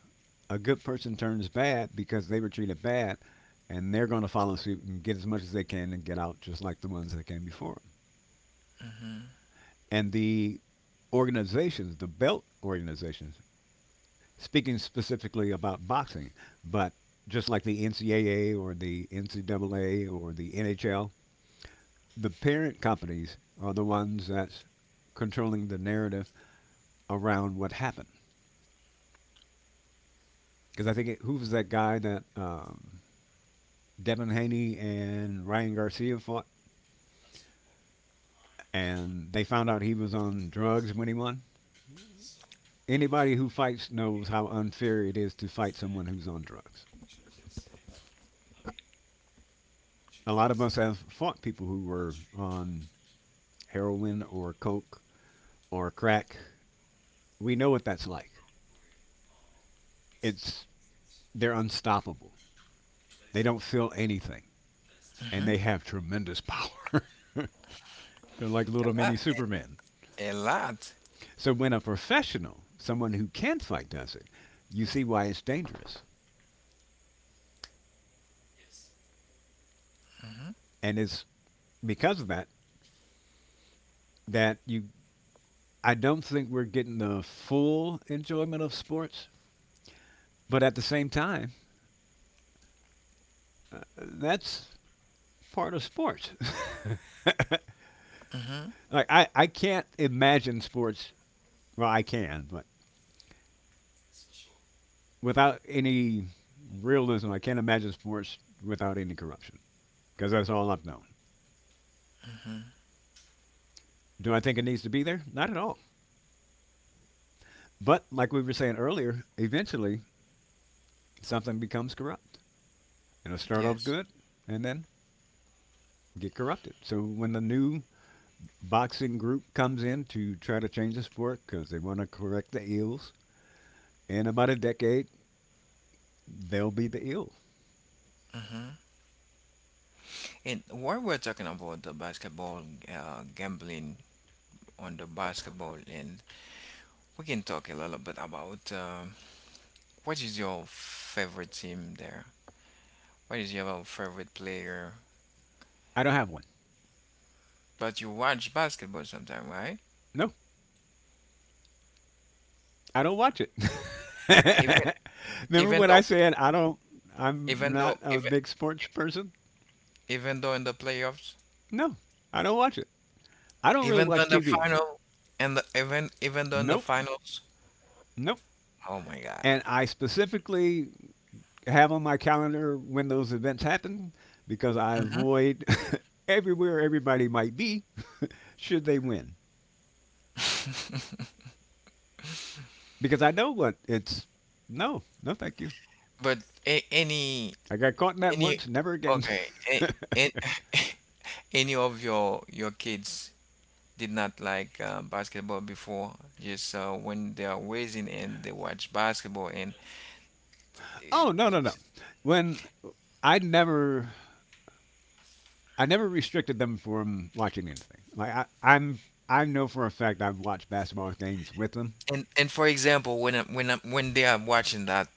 B: a good person turns bad because they were treated bad, and they're going to follow suit and get as much as they can and get out just like the ones that came before them. And the organizations, the belt organizations, speaking specifically about boxing, but just like the NCAA or the NCAA or the NHL, the parent companies are the ones that's controlling the narrative around what happened. Because who was that guy that Devin Haney and Ryan Garcia fought, and they found out he was on drugs when he won? Anybody who fights knows how unfair it is to fight someone who's on drugs. A lot of us have fought people who were on heroin or coke or crack. We know what that's like. It's They're unstoppable. They don't feel anything, and they have tremendous power. They're like little
A: A lot,
B: mini Supermen.
A: a lot.
B: So when a professional, someone who can fight, does it, you see why it's dangerous, and it's because of that that you. I don't think we're getting the full enjoyment of sports, but at the same time, that's part of sports.
A: Mm-hmm.
B: I can't imagine sports. Well, I can, but without any realism, I can't imagine sports without any corruption, because that's all I've known. Do I think it needs to be there? Not at all. But like we were saying earlier, eventually something becomes corrupt. It'll start off
A: Yes.
B: good and then get corrupted. So when the new boxing group comes in to try to change the sport because they want to correct the ills, in about a decade, they'll be the ill.
A: Hmm. And while we're talking about the basketball, gambling on the basketball, and we can talk a little bit about what is your favorite team there? What is your favorite player?
B: I don't have one.
A: But you watch basketball sometime, right?
B: No, I don't watch it.
A: Even
B: Remember
A: even
B: when I
A: though
B: said I'm
A: even though
B: not a
A: even
B: big sports person?
A: even though in the playoffs,
B: No, I don't watch it. I don't really
A: even though
B: watch
A: in the
B: TV.
A: final, and the even even though in the
B: Nope,
A: finals.
B: nope.
A: Oh my God.
B: And I specifically have on my calendar when those events happen because I
A: Hmm.
B: avoid everywhere everybody might be should they win. Because I know what it's no, no thank you.
A: But a
B: I got caught in that
A: any
B: once, never again.
A: okay, a- and Any of your kids did not like basketball before, just when they are raising and they watch basketball? And
B: Oh, no, no, no. When I never I never restricted them from watching anything. Like, I know for a fact I've watched basketball games with them.
A: And for example, when they are watching that,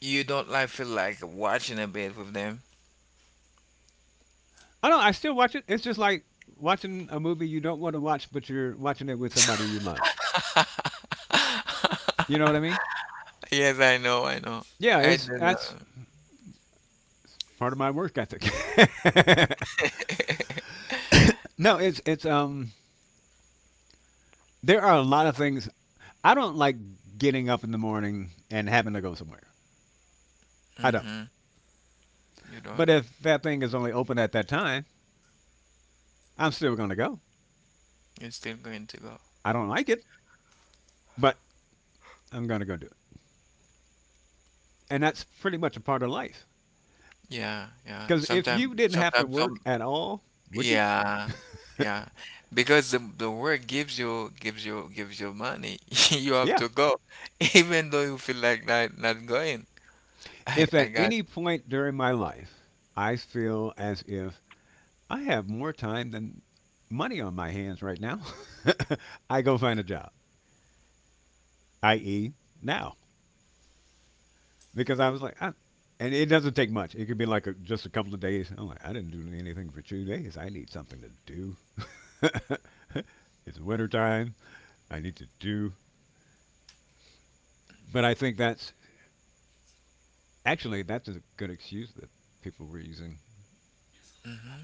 A: you don't like feel like watching a bit with them?
B: I don't. I still watch it. It's just like watching a movie you don't want to watch, but you're watching it with somebody you love. You know what I mean?
A: Yes, I know, I know.
B: Yeah.
A: I
B: It's
A: don't know.
B: that's Part of my work ethic. no, it's there are a lot of things. I don't like getting up in the morning and having to go somewhere. I don't.
A: Mm-hmm. You don't.
B: But if that thing is only open at that time, I'm still going to go.
A: You're still going to go.
B: I don't like it, but I'm going to go do it. And that's pretty much a part of life.
A: Yeah, yeah.
B: Because if
A: Sometimes,
B: you didn't have to
A: sometimes some
B: work at all, would you?
A: Yeah, yeah. Because the work gives you money. You have
B: Yeah.
A: to go, even though you feel like not going.
B: If
A: I
B: at
A: got.
B: any point during my life I feel as if I have more time than money on my hands right now, I go find a job, i.e., now. Because I was like, I, And it doesn't take much. It could be like just a couple of days. I'm like, I didn't do anything for 2 days. I need something to do. It's winter time. I need to do. But I think that's actually that's a good excuse that people were using.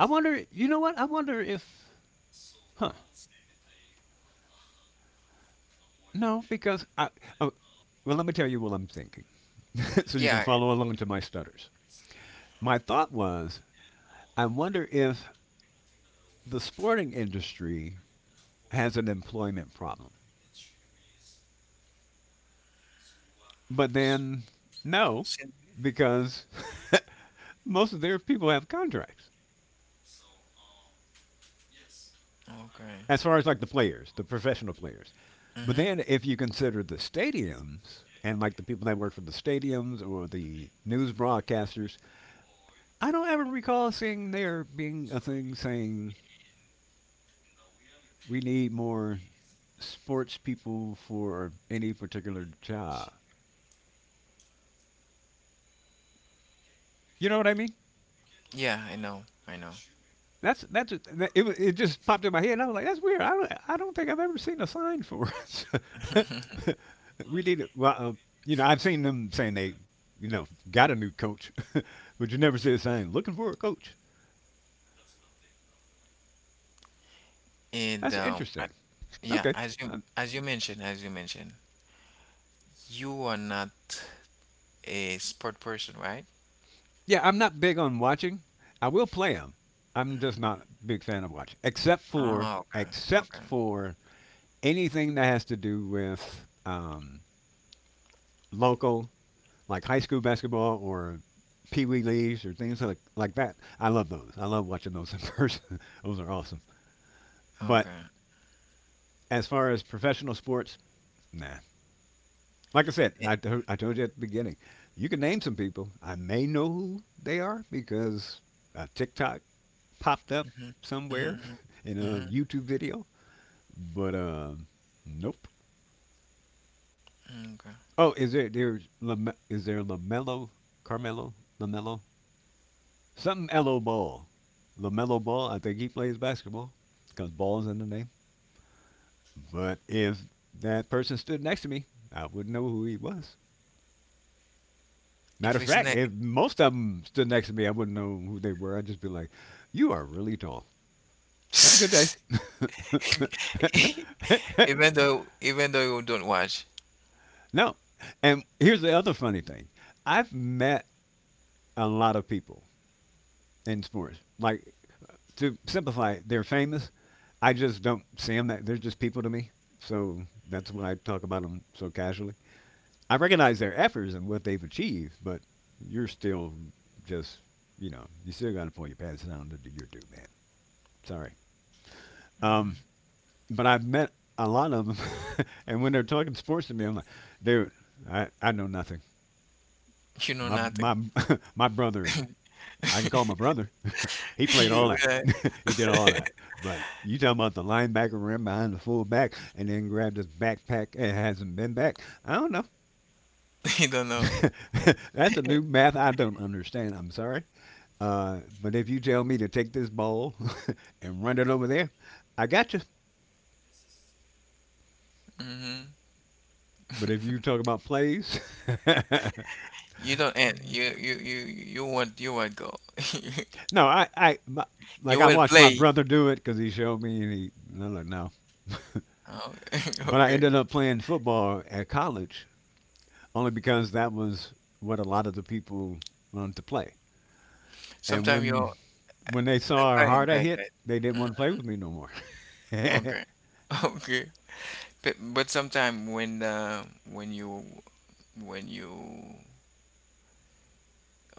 B: I wonder. You know what? I wonder if. Huh. No, because I. Oh, well, let me tell you what I'm thinking, so you can
A: Yeah.
B: follow along to my stutters. My thought was, I wonder if the sporting industry has an employment problem. But
A: it's-
B: then, no,
A: sin-
B: because most of their people have contracts,
A: Okay.
B: as far as like the players, the professional players. But
A: Mm-hmm.
B: then, if you consider the stadiums and like the people that work for the stadiums or the news broadcasters, I don't ever recall seeing there being a thing saying we need more sports people for any particular job. You know what I mean?
A: Yeah, I know. I know.
B: That's that, it. Wa- It just popped in my head. And I was like, "That's weird. I don't think I've ever seen a sign for it." we need Well, uh, you know, I've seen them saying you know, got a new coach, but you never see a sign looking for a coach.
A: And
B: That's interesting.
A: yeah,
B: Okay,
A: as you
B: I
A: as you mentioned, as you mentioned, you are not a sport person, right?
B: Yeah, I'm not big on watching. I will play them. I'm just not a big fan of watching,
A: Oh, okay,
B: except
A: okay,
B: for anything that has to do with local, like high school basketball or pee wee leagues or things like that. I love those. I love watching those in person. Those are awesome. But
A: okay.
B: as far as professional sports, nah. Like I said,
A: Eh,
B: I told you at the beginning, you can name some people. I may know who they are because a TikTok popped up
A: mm-hmm. Mm-hmm.
B: somewhere in
A: Mm-hmm.
B: a
A: Mm-hmm,
B: YouTube video, but nope.
A: mm-hmm, okay.
B: Oh, is there there's Lame, is there Lamelo, Carmelo, Lamelo, something lo Ball, Lamelo Ball? I think he plays basketball because ball's in the name. But if that person stood next to me, I wouldn't know who he was. Matter
A: If
B: of
A: it's
B: fact,
A: not
B: if most of them stood next to me, I wouldn't know who they were. I'd just be like, "You are really tall. Have a good day."
A: Even though you don't watch,
B: No, and here's the other funny thing: I've met a lot of people in sports. Like, to simplify, they're famous. I just don't see them. They're just people to me. So that's what I talk about them so casually. I recognize their efforts and what they've achieved, but you're still just, you know, you still got to pull your pants down to do your due, man. Sorry. Um, but I've met a lot of them, and when they're talking sports to me, I'm like, dude, I know nothing.
A: you know
B: My
A: nothing.
B: my my brother, I can call my brother. He played all
A: You,
B: that. He did all that. But you talking about the linebacker ran behind the fullback and then grabbed his backpack and hasn't been back? I don't know.
A: you don't know.
B: That's a new math I don't understand. I'm sorry. But if you tell me to take this ball and run it over there, I got you.
A: Hmm.
B: But if you talk about plays,
A: You don't end. You won't go.
B: no, I my, like
A: You
B: I
A: will
B: watched my
A: play.
B: brother do it because he showed me and he, no, no, no.
A: Oh,
B: But I
A: okay.
B: ended up playing football at college only because that was what a lot of the people wanted to play. And
A: Sometimes you're.
B: when they saw
A: Go
B: how
A: ahead.
B: hard
A: Go
B: I
A: ahead. Go
B: hit,
A: ahead.
B: they didn't want to play with me no more.
A: Mhm. Okay. Okay. But sometimes when when you when you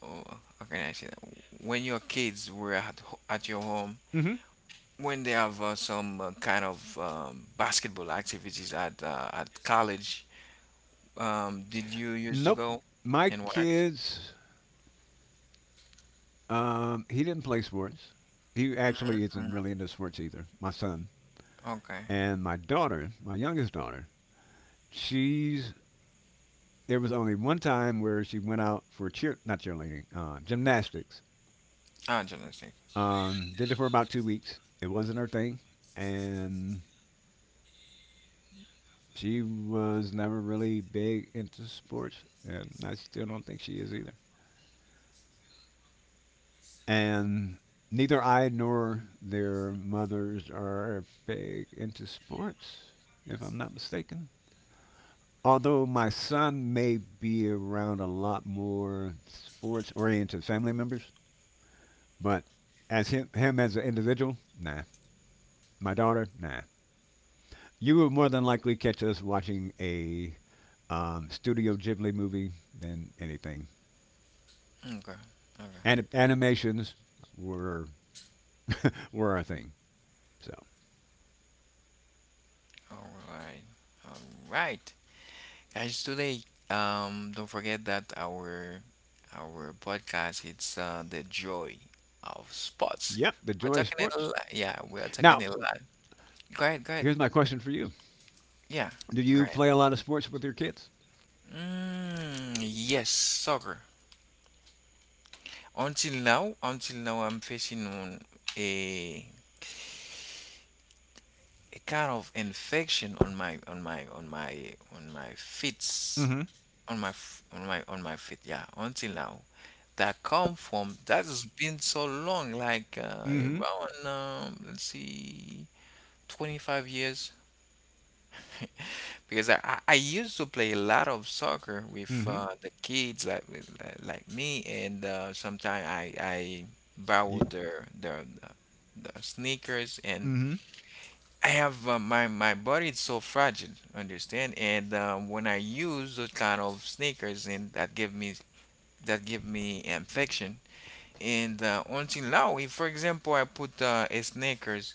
A: oh, how can I say that? When your kids were at at your home,
B: Hmm.
A: when they have some kind of basketball activities at college, did you used to
B: Nope.
A: go
B: My
A: and watch?
B: kids, he didn't play sports. He actually isn't
A: Mhm.
B: really into sports either, my son.
A: Okay.
B: And my daughter, my youngest daughter, she's, there was only one time where she went out for cheer, not cheerleading, gymnastics.
A: Ah, journalistic.
B: Did it for about 2 weeks. It wasn't her thing. And she was never really big into sports. And I still don't think she is either. And neither I nor their mothers are big into sports, if I'm not mistaken. Although my son may be around a lot more sports oriented family members, but as him as an individual, nah. My daughter, nah. You will more than likely catch us watching a Studio Ghibli movie than anything.
A: Okay. Okay.
B: And animations were were our thing. So,
A: All right. All right. Guys, today, don't forget that our podcast it's The Joy of Sports.
B: yep, the
A: We're
B: joy of
A: talking a
B: sports.
A: lot. Yeah, we're talking a
B: Now,
A: lot. Go ahead. Go ahead.
B: here's my question for you:
A: Yeah.
B: Do
A: Go
B: you
A: ahead.
B: play a lot of sports with your kids?
A: Mm, yes, soccer. Until now I'm facing on a, a kind of infection on my feet,
B: Mm-hmm.
A: on my feet, yeah, until now. That come from, that has been so long, like
B: Mm-hmm.
A: around let's see, 25 years. Because I used to play a lot of soccer with
B: Mm-hmm.
A: the kids, like me. And sometimes I borrow
B: You,
A: their the sneakers. And
B: mm-hmm.
A: I have my my body is so fragile, understand? And when I use those kind of sneakers, and that give me infection. And until now, if for example I put a sneakers,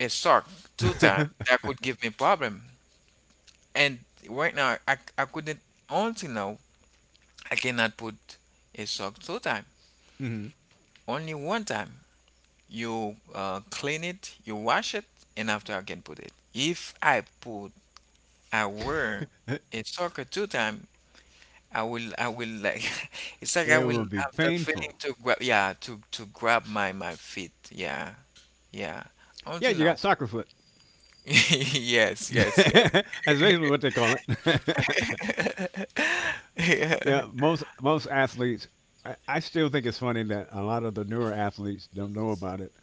A: a sock two times, that could give me problem. And right now, I couldn't until now I cannot put a sock two time.
B: Mm-hmm.
A: Only one time. You clean it, you wash it, and after I can put it. If I put, I were a soccer two time, I will like it's like I
B: It will
A: will
B: be
A: have the feeling
B: painful.
A: to grab, yeah, to grab my my feet, yeah, yeah,
B: Yeah,
A: until
B: you got
A: now.
B: soccer foot.
A: Yes, yes, yes.
B: That's basically what they call it.
A: Yeah.
B: Yeah, most most athletes. I still think it's funny that a lot of the newer athletes don't know about it,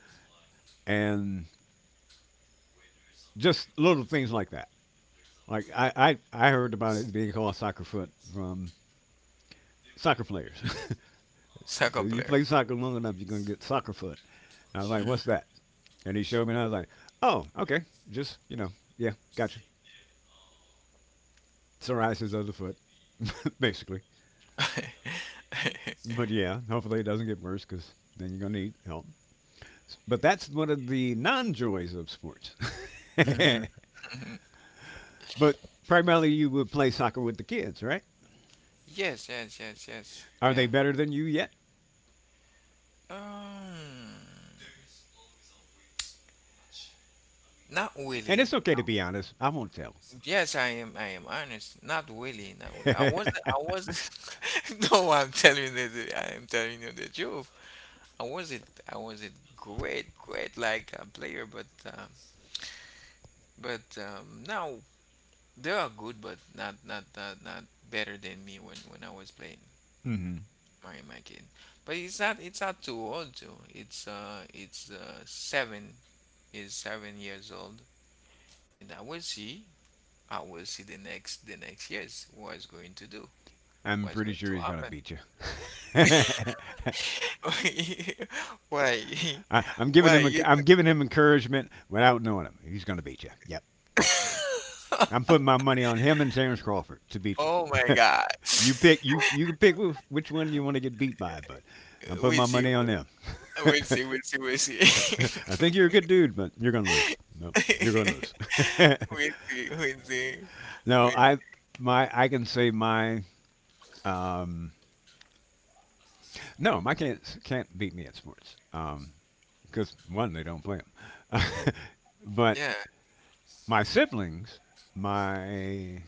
B: and just little things like that. Like I heard about it being called soccer foot from soccer players. So
A: Soccer
B: you
A: player.
B: play soccer long enough, you're gonna get soccer foot. And I was like,
A: Mm.
B: what's that? And he showed me, and I was like, oh, okay, just you know, yeah, gotcha. Psoriasis of the foot, basically. But yeah, hopefully it doesn't get worse, because then you're gonna need help. But that's one of the non-joys of sports.
A: Hmm.
B: But primarily, you would play soccer with the kids, right?
A: Yes, yes, yes, yes,
B: Are
A: yeah.
B: they better than you yet?
A: Um, not
B: And
A: really.
B: it's okay to be honest. I won't tell.
A: Yes, I am. I am honest. Not really. Not really. I was. I was. No, I'm telling you. I am telling you the truth. I wasn't. I wasn't great, great like a player, but now they are good, but not better than me when I was playing
B: Hmm.
A: my my kid. But it's not. It's not too old too. It's 7 years old, and I will see. I will see the next years what it's going to do.
B: I'm
A: What's
B: pretty
A: going
B: sure
A: to
B: he's gonna
A: happen?
B: beat you.
A: Why?
B: I, I'm giving
A: Why
B: him
A: you?
B: I'm giving him encouragement without knowing him. He's going to beat you. Yep, yep. I'm putting my money on him and Terrence Crawford to beat
A: Oh my
B: you.
A: God!
B: you pick you you can pick which one you want to get beat by, but I'm putting
A: We'll
B: my
A: see.
B: money on them.
A: We'll see. We'll see. We'll see.
B: I think you're a good dude, but you're going to lose. No, you're going to lose.
A: We'll see. We'll see. We'll
B: no,
A: see.
B: I my I can say my um, no, my can't beat me at sports. Because one, they don't play them, but
A: Yeah.
B: my siblings, my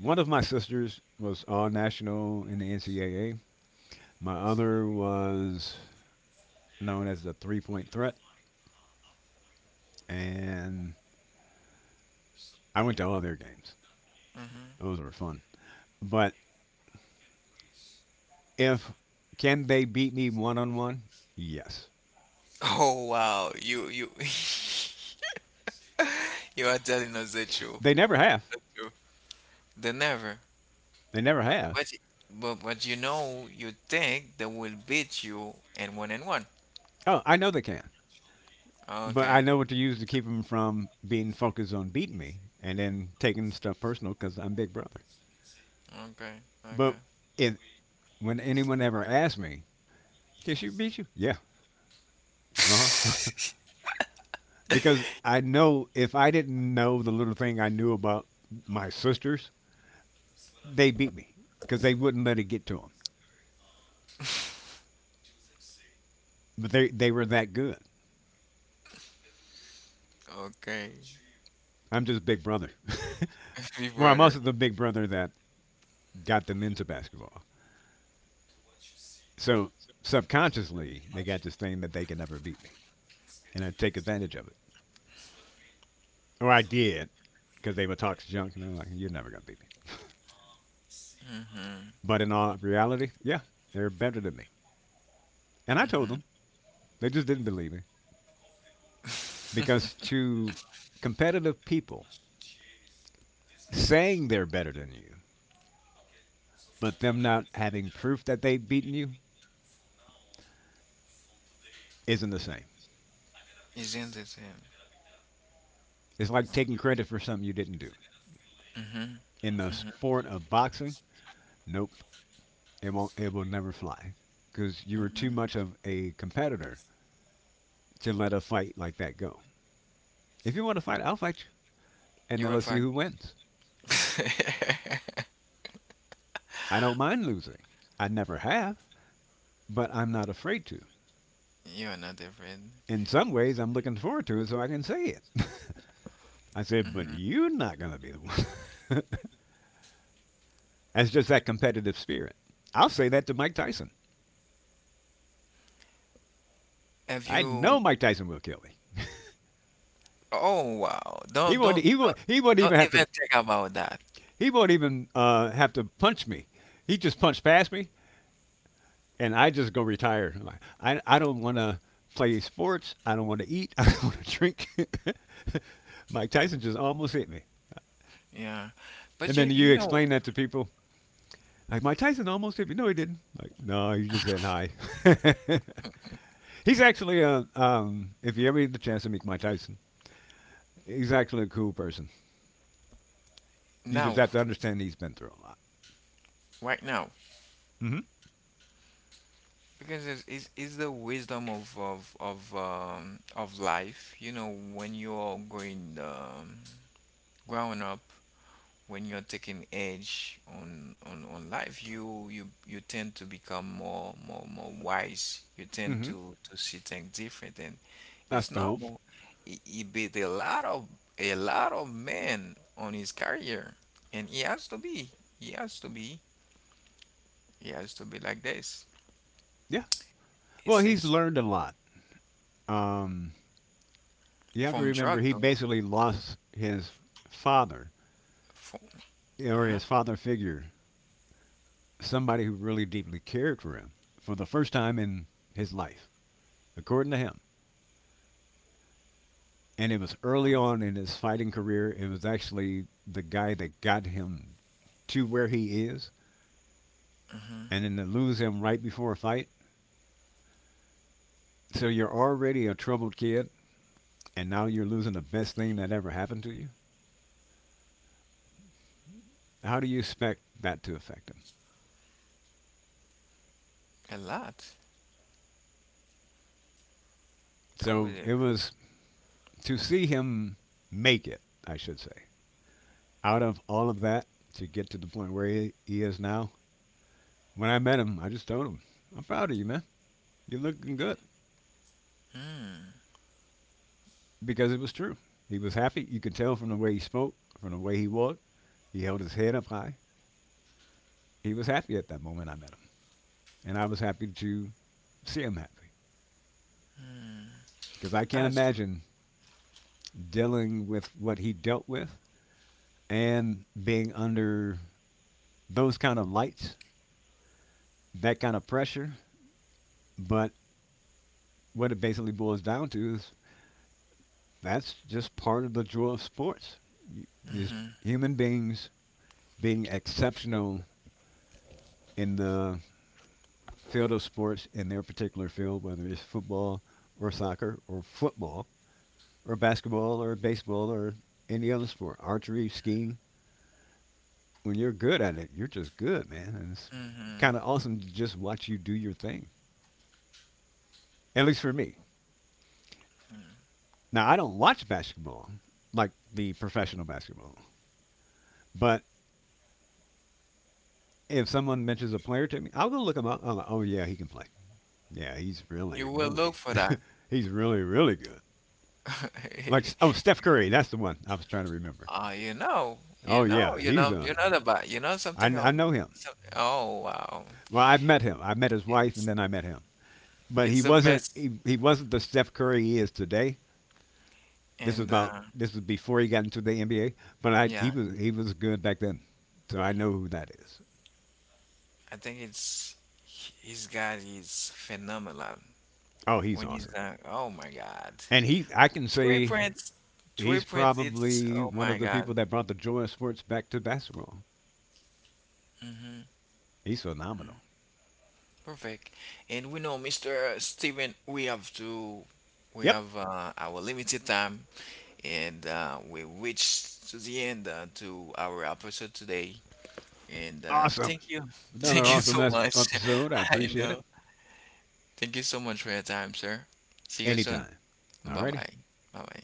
B: one of my sisters was all national in the NCAA. My other was known as the 3 point threat, and I went to all their games.
A: Hmm.
B: Those were fun. But if can they beat me one on one? Yes.
A: Oh wow! You you are telling us the truth.
B: They never have.
A: The truth. They never.
B: They never have.
A: But but you know, you think they will beat you in one and one.
B: Oh, I know they can. But I
A: Okay.
B: know what to use to keep them from being focused on beating me and then taking stuff personal because I'm big brother.
A: Okay.
B: But
A: Okay.
B: if when anyone ever asks me, can she beat you? Yeah. Uh huh. Because I know if I didn't know the little thing I knew about my sisters, they beat me because they wouldn't let it get to them. But they were that good.
A: Okay.
B: I'm just big brother.
A: Big
B: Well, I'm also
A: Brother.
B: the big brother that got them into basketball. So subconsciously, they got this thing that they could never beat me, and I take advantage of it, or I did, because they would talk junk, and I'm like, "You're never gonna beat me."
A: Mm-hmm.
B: But in all reality, yeah, they're better than me, and I told them. They just didn't believe me, because to competitive people, saying they're better than you but them not having proof that they've beaten you isn't the same.
A: Isn't it him?
B: It's like taking credit for something you didn't do.
A: Mm-hmm.
B: In the
A: Mm-hmm.
B: sport of boxing, nope, it won't. It will never fly because you were too
A: Mm-hmm.
B: much of a competitor to let a fight like that go. If you want to fight, I'll fight you, and
A: You
B: then
A: will
B: let's see
A: find.
B: who wins. I don't mind losing. I never have, but I'm not afraid to.
A: You are not afraid.
B: In some ways, I'm looking forward to it so I can say it. I said, but
A: Mm-hmm.
B: you're not going to be the one. That's just that competitive spirit. I'll say that to Mike Tyson.
A: Have
B: I know
A: you?
B: Mike Tyson will kill me.
A: Oh wow!
B: He
A: Don't
B: won't.
A: don't
B: He won't.
A: don't
B: He won't even
A: don't
B: have to.
A: even think about that.
B: He won't even have to punch me. He just punched past me, and I just go retire. I don't want to play sports. I don't want to eat. I don't want to drink. Mike Tyson just almost hit me,
A: Yeah,
B: and
A: but
B: then
A: you
B: you
A: you know
B: explain that to people. Like Mike Tyson almost hit me. No, he didn't. Like no, you just said hi. He's actually a, if you ever get the chance to meet Mike Tyson, he's actually a cool person. You just
A: now,
B: have to understand he's been through a lot.
A: right now,
B: Mm-hmm.
A: because it's it's the wisdom of of life. You know when you're going growing up, when you're taking edge on life, you, you tend to become more wise, you tend
B: Mm-hmm.
A: to see things different. And
B: That's
A: it's
B: the hope.
A: normal. He beat a lot of men on his career, and he has to be he has to be like this.
B: Yeah. Well,
A: It's
B: he's
A: this.
B: learned a lot. Um, you have to
A: From
B: remember
A: drug
B: he
A: though.
B: basically lost his father,
A: From,
B: or
A: uh-huh,
B: his father figure, somebody who really deeply cared for him for the first time in his life, according to him. And it was early on in his fighting career. It was actually the guy that got him to where he is,
A: mhm,
B: and then to lose him right before a fight. So you're already a troubled kid, and now you're losing the best thing that ever happened to you. How do you expect that to affect him?
A: a lot. That was
B: So
A: it.
B: it was, to see him make it, I should say, out of all of that to get to the point where he is now. When I met him, I just told him, I'm proud of you, man. You're looking good.
A: Mm.
B: Because it was true. He was happy. You could tell from the way he spoke, from the way he walked. He held his head up high. He was happy at that moment I met him. And I was happy to see him happy, because I can't
A: That's
B: imagine dealing with what he dealt with and being under those kind of lights, that kind of pressure. But what it basically boils down to is that's just part of the joy of sports. These
A: mm-hmm,
B: human beings being exceptional in the field of sports, in their particular field, whether it's football or soccer or football or basketball or baseball or any other sport, archery, skiing, when you're good at it, you're just good, man. And it's
A: mm-hmm. Mm-hmm.
B: kind of awesome to just watch you do your thing. At least for me. Now, I don't watch basketball, like the professional basketball, but if someone mentions a player to me, I'll go look him up. I'm like, oh yeah, he can play. Yeah, he's really,
A: You will look
B: really,
A: for that.
B: he's really, really good. Like oh, Steph Curry, that's the one I was trying to remember.
A: Ah, you know, you
B: Oh
A: know,
B: yeah,
A: you
B: he's
A: know, you
B: a.
A: know the, but you know
B: I
A: something. Oh,
B: I know him.
A: so, oh wow,
B: Well, I've met him. I met his wife, and
A: it's
B: then I met him. But
A: it's
B: he
A: the
B: wasn't
A: best.
B: he, he wasn't the Steph Curry he is today. This was
A: And
B: about this was before he got into the NBA, but I
A: yeah,
B: he was good back then, so I know who that is.
A: I think it's his guy is phenomenal.
B: Oh, he's
A: When he's
B: awesome,
A: oh my God,
B: and he I can
A: three
B: say
A: prints, three
B: he's
A: prints. It's
B: probably
A: oh
B: one
A: my
B: of the
A: God,
B: people that brought the joy of sports back to basketball.
A: hmm,
B: He's phenomenal.
A: perfect. And we know, Mister Steven, we have to, we
B: Yep,
A: have our limited time. And we reached to the end to our episode today. And
B: awesome.
A: thank you,
B: Another
A: thank you
B: awesome
A: so much.
B: episode. I
A: I
B: appreciate it.
A: know. Thank you so much for your time, sir. See you soon.
B: Anytime.
A: Bye
B: Alrighty.
A: bye. Bye bye.